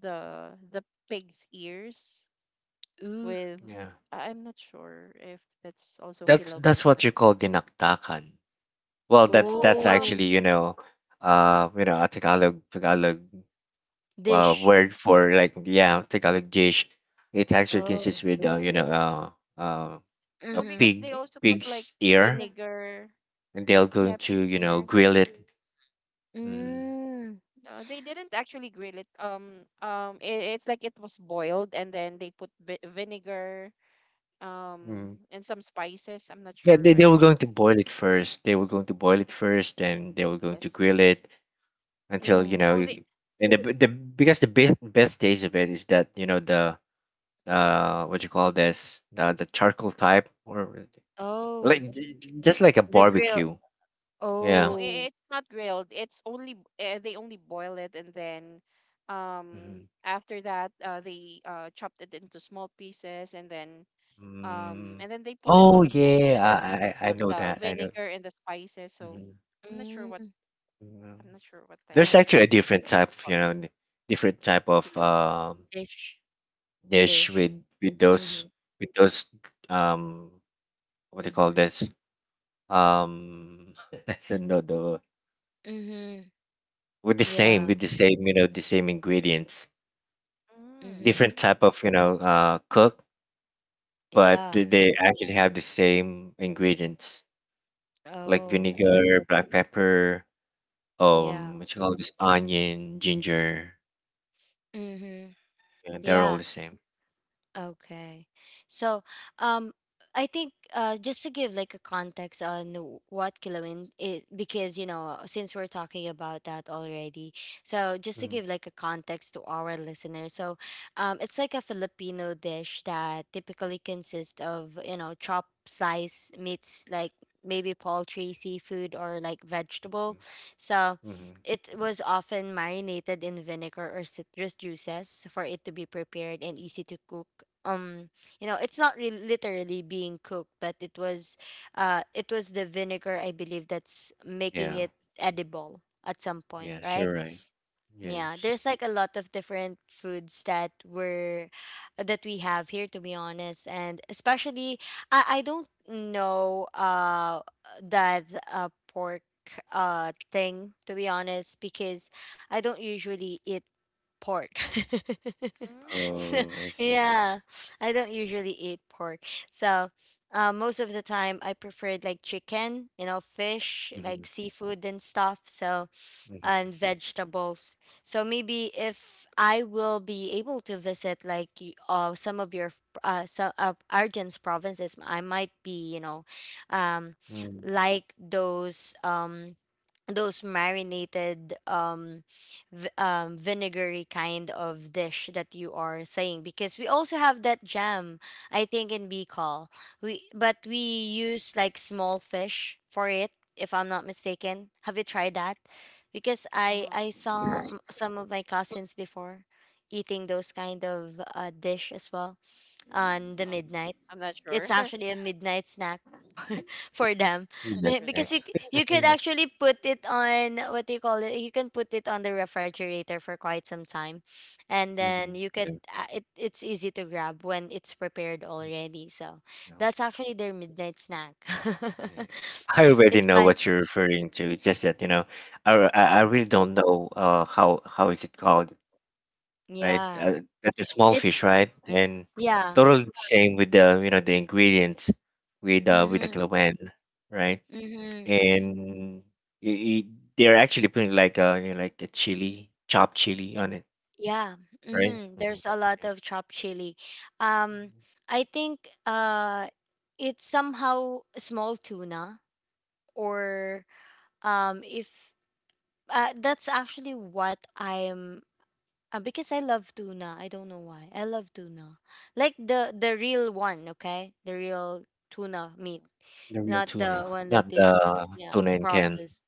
the the pig's ears
Ooh,
with.
yeah.
I- I'm not sure if that's also
That's
Kilawin, but
what you call dinaktakan. Well,
no,
that's actually,
oh,
you know, a Tagalog
dish.
word for like yeah Tagalog dish. It actually
Oh,
consists with you know uh, a
no,
mm-hmm.
because they also put like
pig's ear,
vinegar.
and they're going
Yeah,
to
pig's
you know
ears.
grill it. Mm,
Mm,
No, they didn't actually grill it. It, it's like it was boiled, and then they put vinegar, um,
mm.
and some spices. I'm not
Yeah,
sure.
they were
I
going to
forgot.
boil it first. They were going to boil it first, and they were going to
Yes.
grill it until
yeah.
you know.
No, they
And the because the best taste of it is that you know the what you call this, the charcoal type or
Oh,
like just like a
the grill.
no
barbecue. Yeah.
no. I,
Oh,
it's not grilled. It's only they only boil it, and then, um,
Mm-hmm.
after that, they chopped it into small pieces,
Mm.
and then they put it
Oh
on a bowl,
yeah,
and then
I know
the
that. I know.
vinegar and the spices. So
Mhm.
I'm not sure what
mm,
Mm,
I'm not sure what type
there's
of
oh,
actually a different
what you
type, you
call
know,
it.
different type of
Kilawin.
dish,
dish
dish.
with with those
Mm-hmm,
with those um what do you call
mm-hmm,
this? Um, I don't know the
mm-hmm.
with
Yeah,
the same you know the same ingredients,
Mm.
mm-hmm.
different type of you know cook, but
Yeah.
they actually have the same ingredients like
Oh,
vinegar, black pepper,
yeah.
what you call this, onion, ginger.
Mm-hmm.
Yeah, they're all
Yeah.
the same.
Okay. So, um, I think, just to give like a context on what Kilawin is, because you know, since we're talking about that already, so just to
Mm-hmm.
give like a context to our listeners, so it's like a Filipino dish that typically consists of, you know, chopped sliced meats like maybe poultry, seafood, or like vegetable. So
hmm
it was often marinated in vinegar or citrus juices for it to be prepared and easy to cook. um you know, it's not really literally being cooked, but it was the vinegar, I believe, that's making
Yeah.
it edible at some point,
Yes,
right?
you're right.
Yeah,
Yes.
there's like a lot of different foods that were that we have here, to be honest. And especially I don't know that pork thing, to be honest, because I don't usually eat pork.
Mm.
So,
Oh, I see.
yeah, I don't usually eat pork. So, most of the time I preferred like chicken, you know, fish,
Mm-hmm.
like seafood and stuff. So, and
Mm-hmm.
vegetables. So maybe if I will be able to visit like some of your some, Argent's provinces, I might be, you know, um,
mm
like those marinated, vinegary kind of dish that you are saying, because we also have that, jam, I think, in Bicol. We But we use like small fish for it, if I'm not mistaken. Have you tried that? Because
Uh-huh.
I saw some of my cousins before eating those kind of, dish as well on the
Um,
midnight.
I'm not
It's
sure.
actually a midnight snack for them.
Not
That's
sure
Because
nice.
though.
you could
Yeah.
actually put it on, what do you call it, you can put it on the refrigerator for quite some time, and
Mm-hmm.
then you could,
Yeah.
it's easy to grab when it's prepared
Mm,
already. So
no,
that's actually their midnight snack.
yeah, I already
It's
know
fine.
what you're referring to. It's just that, you know, I really don't know how is it called, right?
Yeah,
That's a small fish,
it's
right? And
yeah,
totally the same with the you know the ingredients with the
mm-hmm,
kilowan, right?
mm-hmm.
And I they're actually putting like you know, like a chopped chili on it,
Yeah,
right?
mm-hmm. There's a lot
Yeah.
of chopped chili. Um, I think, it's somehow small tuna, or, if, that's actually what I'm, because I love tuna. I don't know why. I love tuna. Like the real one, okay? The real tuna
Hmm.
meat,
The real
not
Right.
the
tuna,
one that
not
is,
the
yeah,
tuna in can.
processed.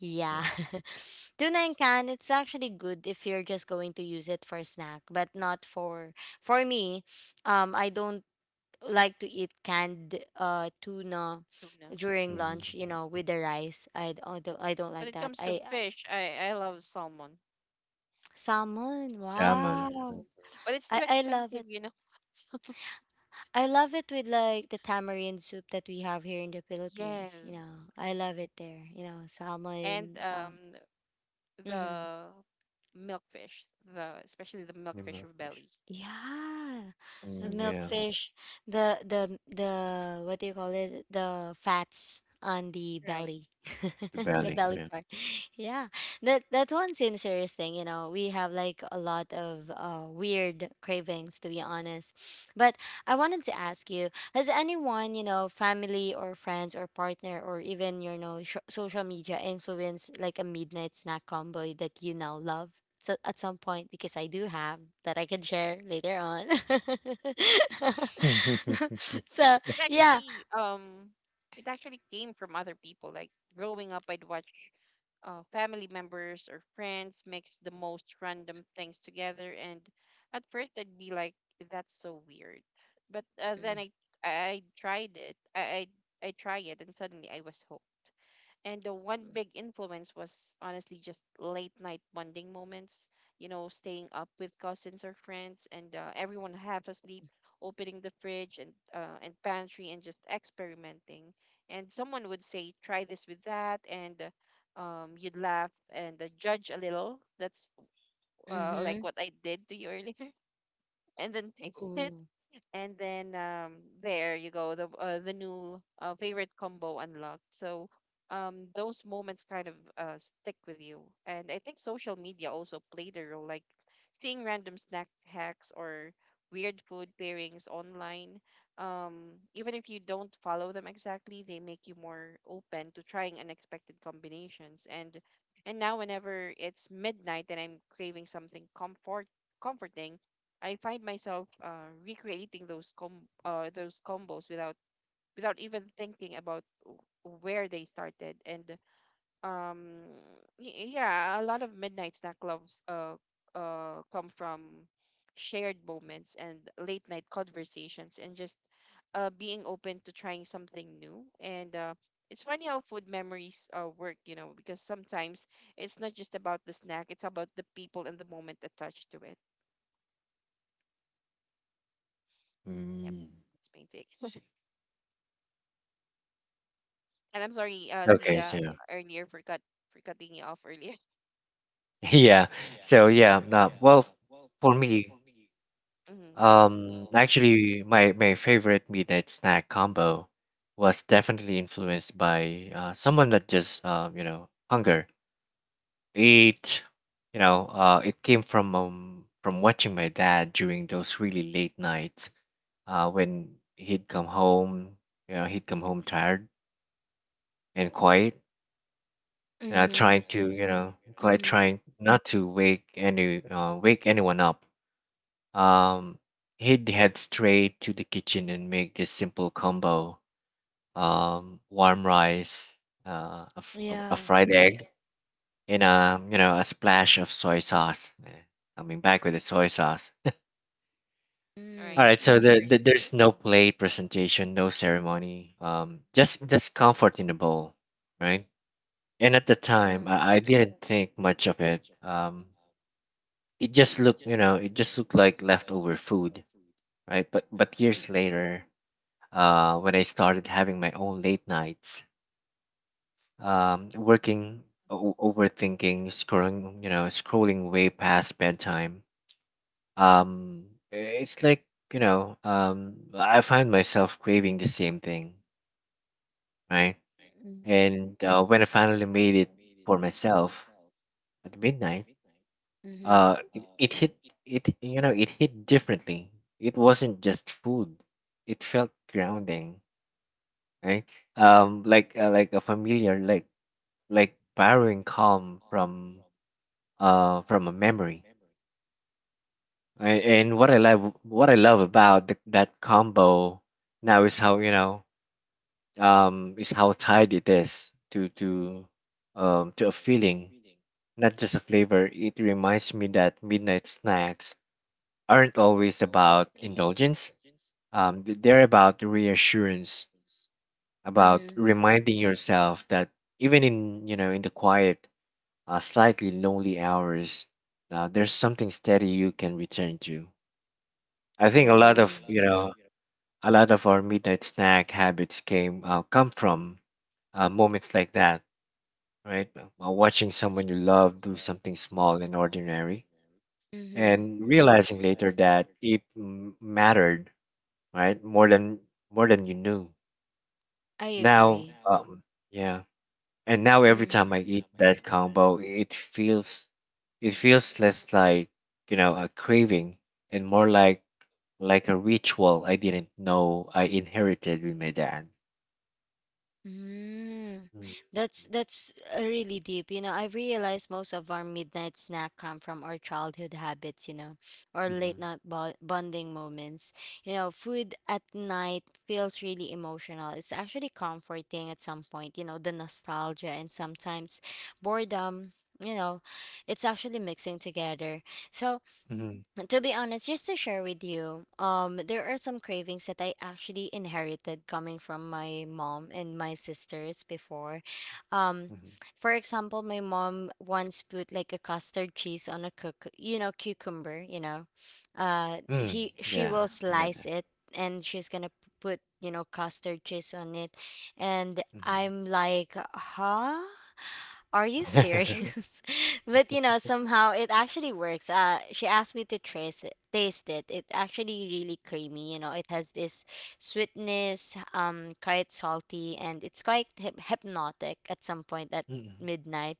Yeah.
Yeah.
Tuna in can, it's actually good if you're just going to use it for a snack, but not for for me, I don't like to eat canned, uh, tuna
Tuna.
during
hmm
lunch, you know, with the rice. I don't
When
like
it
that.
comes to
I,
fish, I love salmon.
salmon.
Salmon,
Yes.
Wow.
But it's too
I love
expensive,
it.
you know. So,
I love it with like the tamarind soup that we have here in the Philippines. You
yes.
know, I
Uh-huh.
love it there. You know, salmon.
And the milkfish, the especially the milkfish
nimble
of
fish.
belly,
Mm, yeah,
right?
the belly. Yeah.
But actually, it actually came from other people. Like growing up, I'd watch family members or friends mix the most random things together, and at first I'd be like, that's so weird. But then i tried it I, I try it, and suddenly I was hooked. And the one big influence was honestly just late night bonding moments, you know, staying up with cousins or friends and everyone half asleep, opening the fridge and and pantry and just experimenting. And someone would say, "Try this with that," and you'd laugh and judge a little. That's like what I did to you earlier, and then taste it, and then there you go, the new favorite combo unlocked. So those moments kind of stick with you, and I think social media also played a role, like seeing random snack hacks or weird food pairings online. Um, even if you don't follow them exactly, they make you more open to trying unexpected combinations. And now, whenever it's midnight and I'm craving something comforting, I find myself recreating those combos without without even thinking about where they started. And um, yeah, a lot of midnight snack clubs come from shared moments and late night conversations, and just being open to trying something new. And it's funny how food memories work, you know, because sometimes it's not just about the snack; it's about the people and the moment attached to it. Yep,
mm,
that's my take.
see.
And I'm sorry,
Okay,
Zia,
so
earlier for cut for cutting you off earlier.
Yeah. So yeah, nah, well, for me,
Mm-hmm.
actually, my favorite midnight snack combo was definitely influenced by someone that just you know, hunger. It, you know, it came from watching my dad during those really late nights, when he'd come home, you know, he'd come home tired and quiet, you know,
Mhm. Know.
quite
Mhm.
trying not to wake any wake anyone up. Um, he'd head straight to the kitchen and make this simple combo: warm rice, a
Yeah.
fried egg, and a you know a splash of soy sauce. Eh, coming back with the soy sauce.
All right.
All
Mm.
right,
All
so
Mhm.
there's no plate presentation, no ceremony, just comfort in the bowl, right? And at the time, I didn't think much of it. It just looked, you know, it just looked like leftover food, right? But years later, when I started having my own late nights, working, overthinking, scrolling, you know, scrolling way past bedtime. Um, it's like, you know, I find myself craving the same thing, right?
Hmm.
And when I finally made it for myself at midnight,
Mhm.
it, it hit, it, you know, it hit differently. It wasn't just food. It felt grounding, right? Like a familiar, like borrowing calm from a memory. And what I love about that combo now is how you know is how tied it is to to a feeling, not just a flavor. It reminds me that midnight snacks aren't always about
Y-
indulgence, they're about reassurance, about
Mhm.
reminding yourself that even in you know in the quiet, slightly lonely hours, there's something steady you can return to. I think a lot of
Holding.
you know a lot of our midnight snack habits came come from moments like that, right? Watching someone you love do something small and ordinary,
Mhm.
and realizing later that it mattered, right? More than you knew.
I
Now,
agree.
yeah. And now every
And
time I eat
Mhm.
that combo, it feels less like, you know, a craving and more like a ritual I didn't know I inherited with my dad.
Mm,
Mm-hmm.
that's, really deep. You know, I've realized most of our midnight snack come from our childhood habits, you know, or late night bo bonding moments. You know, food at night feels really emotional. It's actually comforting at some point, you know, the nostalgia and sometimes boredom, you know, it's actually mixing together. So,
hmm
to be honest, just to share with you, there are some cravings that I actually inherited coming from my mom and my sisters before. Um,
hmm
for example, my mom once put like a custard cheese on a cook, you know, cucumber, you know.
Mm.
He she
Yeah,
will
I don't know.
slice it, and she's gonna put, you know, custard cheese on it, and I'm like, huh? Are you serious? But you know, somehow it actually works. She asked me to trace it, taste it. It actually really creamy. You know, it has this sweetness, quite salty, and it's quite hypnotic at some point at
Mm-hmm.
midnight.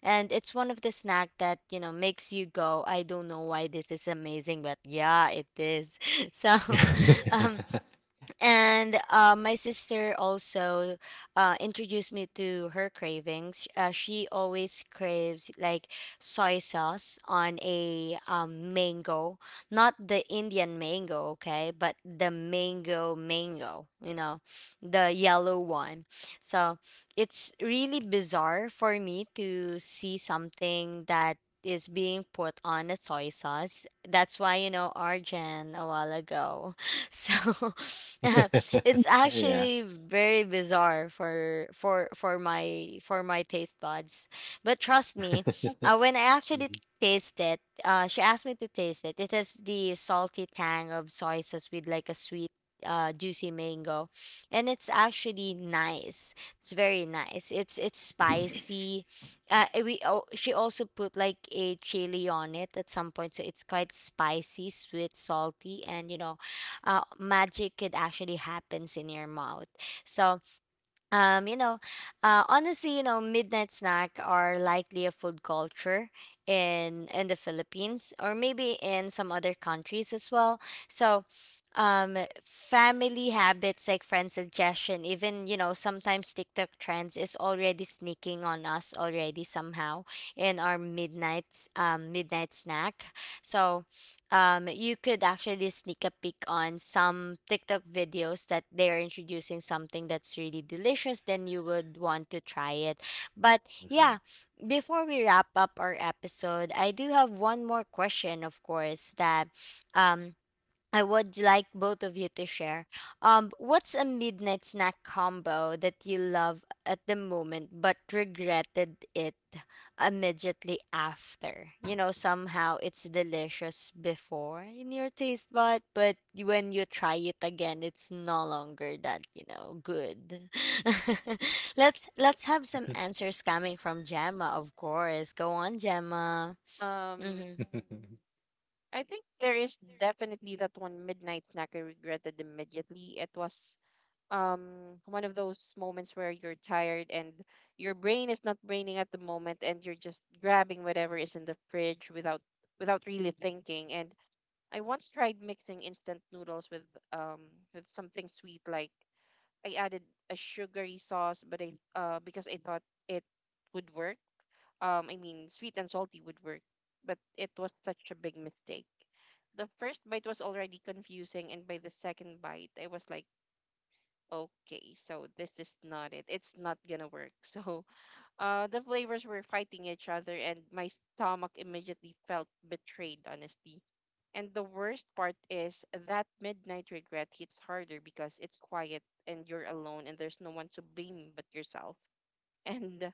And it's one of the snack that you know makes you go. I don't know why this is amazing, but yeah, it is. So, um, and my sister also introduced me to her cravings. She always craves like soy sauce on a mango, not the Indian mango, okay, but the mango mango, you know, the yellow one. So it's really bizarre for me to see something that is being put on a soy sauce. That's why, you know, Arjan a while ago. so it's
yeah.
actually very bizarre for my taste buds, but trust me, when I actually
Mhm,
taste it, she asked me to taste it. It has the salty tang of soy sauce with like a sweet juicy mango, and it's actually nice. It's very nice. It's spicy. We oh, she also put like a chili on it at some point, so it's quite spicy, sweet, salty, and you know, magic could actually happens in your mouth. So, you know, honestly, you know, midnight snack are likely a food culture in the Philippines or maybe in some other countries as well. So, um, family habits like friend suggestion, even you know, sometimes TikTok trends is already sneaking on us already somehow in our midnight midnight snack. So, you could actually sneak a peek on some TikTok videos that they're introducing something that's really delicious, then you would want to try it. But
mhm.
yeah, before we wrap up our episode, I do have one more question, of course, that um, I would like both of you to share. What's a midnight snack combo that you love at the moment but regretted it immediately after? You know, somehow it's delicious before in your taste bud, but when you try it again, it's no longer that, you know, good. Let's have some answers coming from Gemma, of course. Go on, Gemma.
Um,
Mm-hmm.
I think there is definitely that one midnight snack I regretted immediately. It was one of those moments where you're tired and your brain is not braining at the moment, and you're just grabbing whatever is in the fridge without without really thinking. And I once tried mixing instant noodles with something sweet, like I added a sugary sauce, but I because I thought it would work. I mean, sweet and salty would work, but it was such a big mistake. The first bite was already confusing, and by the second bite, I was like, okay, so this is not it. It's not gonna work. So, the flavors were fighting each other, and my stomach immediately felt betrayed, honestly. And the worst part is that midnight regret hits harder because it's quiet and you're alone, and there's no one to blame but yourself. And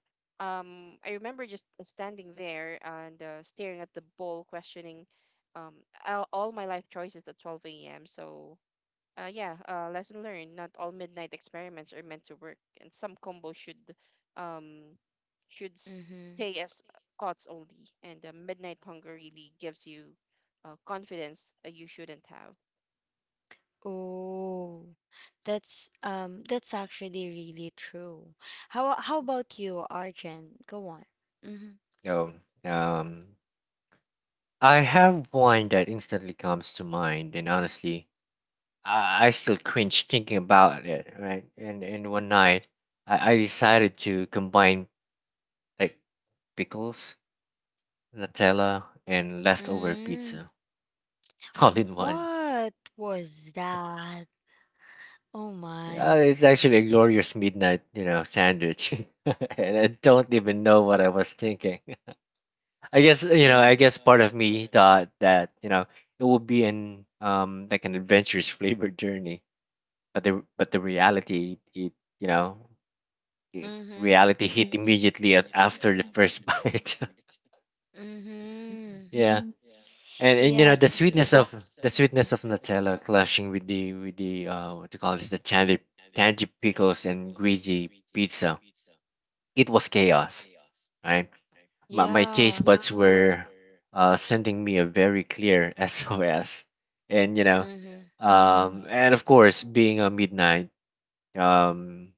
I remember just standing there and staring at the bowl, questioning um, all my life choices at 12 a.m. So yeah, lesson learned. Not all midnight experiments are meant to work, and some combos um, should
Mm-hmm.
stay as odds only. And midnight hunger really gives you confidence you shouldn't have.
Oh, that's actually really true. How about you, Arjen? Go on. Mm-hmm.
So, um, I have one that instantly comes to mind, and honestly, I still cringe thinking about it, right? And one night, I decided to combine like pickles, Nutella, and leftover
Mm,
pizza all in one.
what was that? Oh
Yeah,
my.
it's actually a glorious midnight, you know, sandwich, and I don't even know what I was thinking.
Yeah.
I guess part of me thought that you know it would be an like an adventurous flavored journey, but the reality, it you know
Mm-hmm.
reality hit immediately after the first bite.
Mm-hmm.
Yeah, mhm. And you
Yeah.
know the sweetness of Nutella clashing with the what do you call this the tangy pickles and greasy pizza. It was chaos. Right, my
Yeah.
taste buds Yeah. were sending me a very clear SOS, and you know,
Mm-hmm.
and of course being a midnight um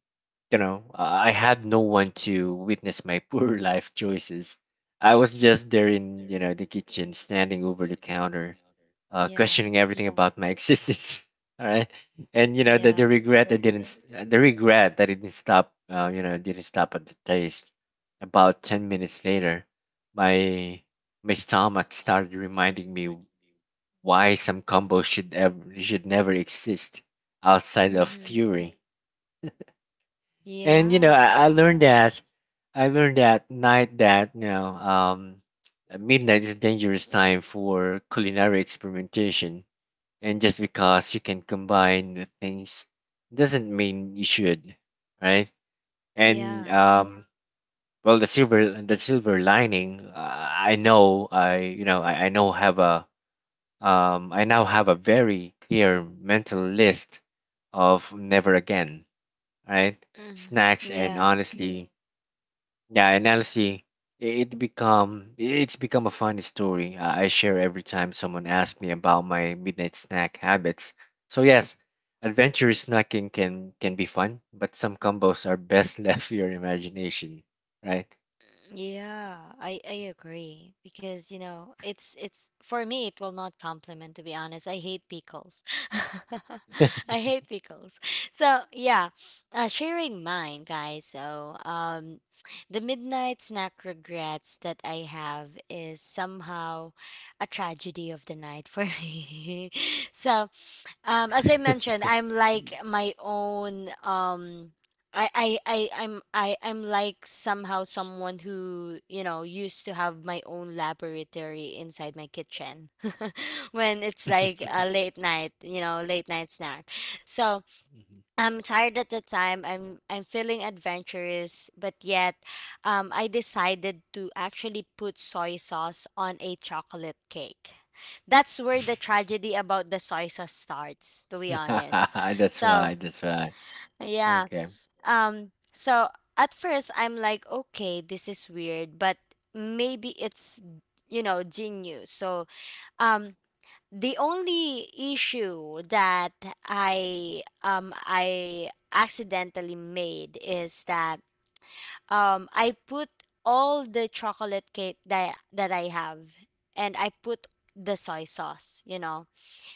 you know, I had no one to witness my poor life choices. I was just there in, you know, the kitchen, standing over the counter,
Yeah.
questioning everything about my existence. All right, and you
that
know
Yeah.
the regret I didn't, st- the regret that it didn't stop, you know, didn't stop at the taste. About 10 minutes later, my my stomach started reminding me why some combos should never exist outside of
Mm-hmm.
theory. And you know,
Yeah. And
I learned that night that you know midnight is a dangerous time for culinary experimentation, and just because you can combine the things doesn't mean you should, right?
Yeah.
And
right.
well, the silver lining, I know have a I now have a very clear mental list of never again, right?
Mm-hmm.
Snacks and
Yeah.
honestly yeah, and honestly, it become it's become a funny story I share every time someone asks me about my midnight snack habits. So yes, adventurous snacking can be fun, but some combos are best left to your imagination, right?
Yeah, I agree because you know it's for me it will not complement to be honest. I hate pickles. I hate pickles. So yeah, sharing mine, guys. So the midnight snack regrets that I have is somehow a tragedy of the night for me. So as I mentioned, I'm like my own I I'm like somehow someone who you know used to have my own laboratory inside my kitchen when it's like a late night, you know, late night snack. So I'm tired at the time. I'm feeling adventurous, but yet I decided to actually put soy sauce on a chocolate cake. That's where the tragedy about the soy sauce starts, to be honest.
That's
So
why. That's why.
yeah,
Okay.
so at first I'm like, okay, this is weird, but maybe it's, you know, genius. So, um, the only issue that I accidentally made is that I put all the chocolate cake that I have, and I put the soy sauce, you know.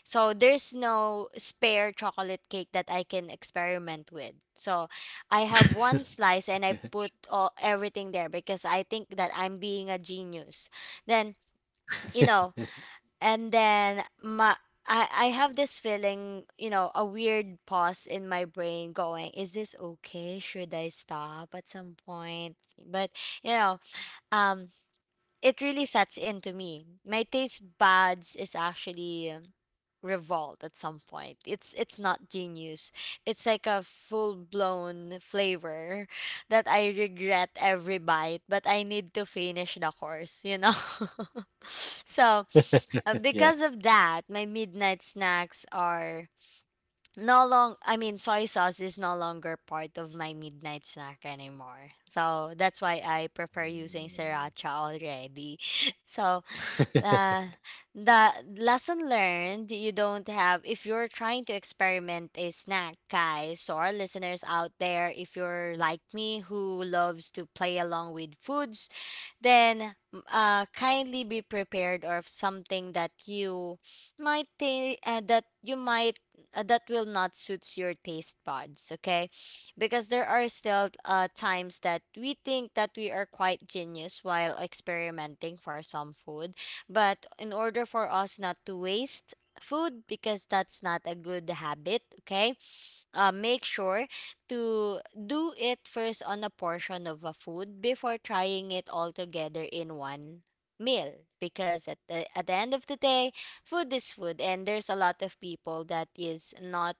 So there's no spare chocolate cake that I can experiment with. So I have one slice and I put all, everything there because I think that I'm being a genius. Then, you know, and then I have this feeling, you know, a weird pause in my brain going, is this okay? Should I stop at some point? But, you know, um it really sets in to me. My taste buds is actually revolt at some point. It's not genius. It's like a full blown flavor that I regret every bite, but I need to finish the course, you know. So,
yeah.
because of that, my midnight snacks are no long I mean soy sauce is no longer part of my midnight snack anymore. So that's why I prefer using
Mm.
sriracha already. So uh, the lesson learned, you don't have if you're trying to experiment a snack, guys. So our listeners out there, if you're like me who loves to play along with foods, then kindly be prepared of something that you that you might that will not suit your taste buds, okay? Because there are still times that we think that we are quite genius while experimenting for some foods, but in order for us not to waste food, because that's not a good habit, okay? Make sure to do it first on a portion of a food before trying it all together in one meal, because at the end of the day, food is food and there's a lot of people that is not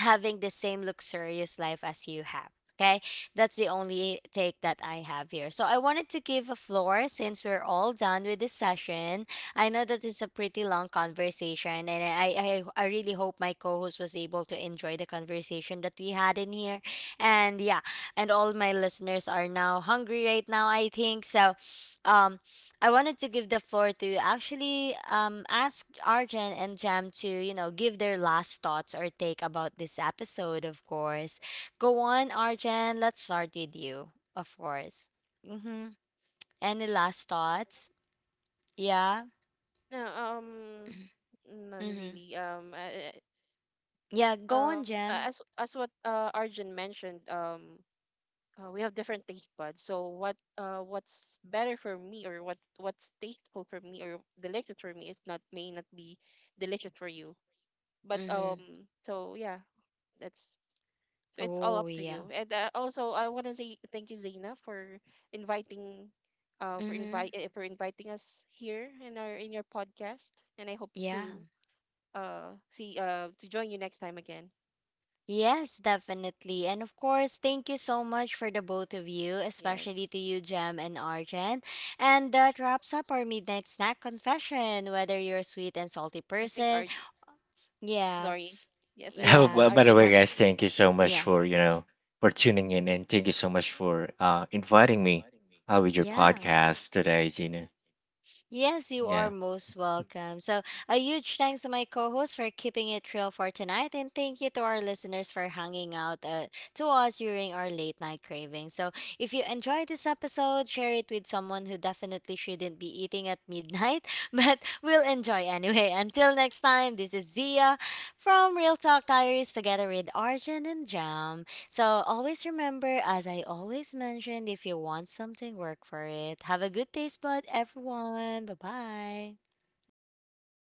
having the same luxurious life as you have. Okay, that's the only take that I have here. So I wanted to give a floor since we're all done with this session. I know that it's a pretty long conversation, and I really hope my co host was able to enjoy the conversation that we had in here. And yeah, and all my listeners are now hungry right now, I think. So, um, I wanted to give the floor to actually ask Arjan and Jam to, you know, give their last thoughts or take about this episode, of course. Go on, Arjan. Let's start with you, of course. Mm-hmm. Any last thoughts? Yeah.
No, none
Mm-hmm.
really. Um, uh,
Yeah,
uh,
go on,
um, a-
Jam.
as as what Arjun mentioned, we have different taste buds. So what what's tasteful for me or delicious for me is not may not be delicious for you. But
Mm-hmm.
um, so yeah, that's so it's all
Oh,
up to
yeah.
you. And also I want to say thank you, Zaina, for inviting for
Mm-hmm.
invite eh, for inviting us here in our in your podcast, and I hope
Yeah.
to see to join you next time again.
Yes, definitely. And of course, thank you so much for the both of you, especially
Yes.
to you, Jem and Arjen. And that wraps up our Midnight Snack Confession, whether you're a sweet and salty
I think
person.
Arj
Yeah,
sorry. Yes, I
Oh,
think
yeah,
by the
Arjun
way,
wants
guys,
to
thank you so much
yeah,
for you know for tuning in, and thank you so much for inviting me with your
yeah.
podcast today, Gina.
Yes, you are
Yeah,
most welcome. So, a huge thanks to my co host for keeping it real for tonight, and thank you to our listeners for hanging out to us during our late night craving. So, if you enjoyed this episode, share it with someone who definitely shouldn't be eating at midnight, but we will enjoy anyway. Until next time, this is Zia from Real Talk Diaries together with Arjun and Jam. So always remember, as I always mentioned, if you want something, work for it. Have a good day, bud, everyone. Bye bye.
say hi.
bye.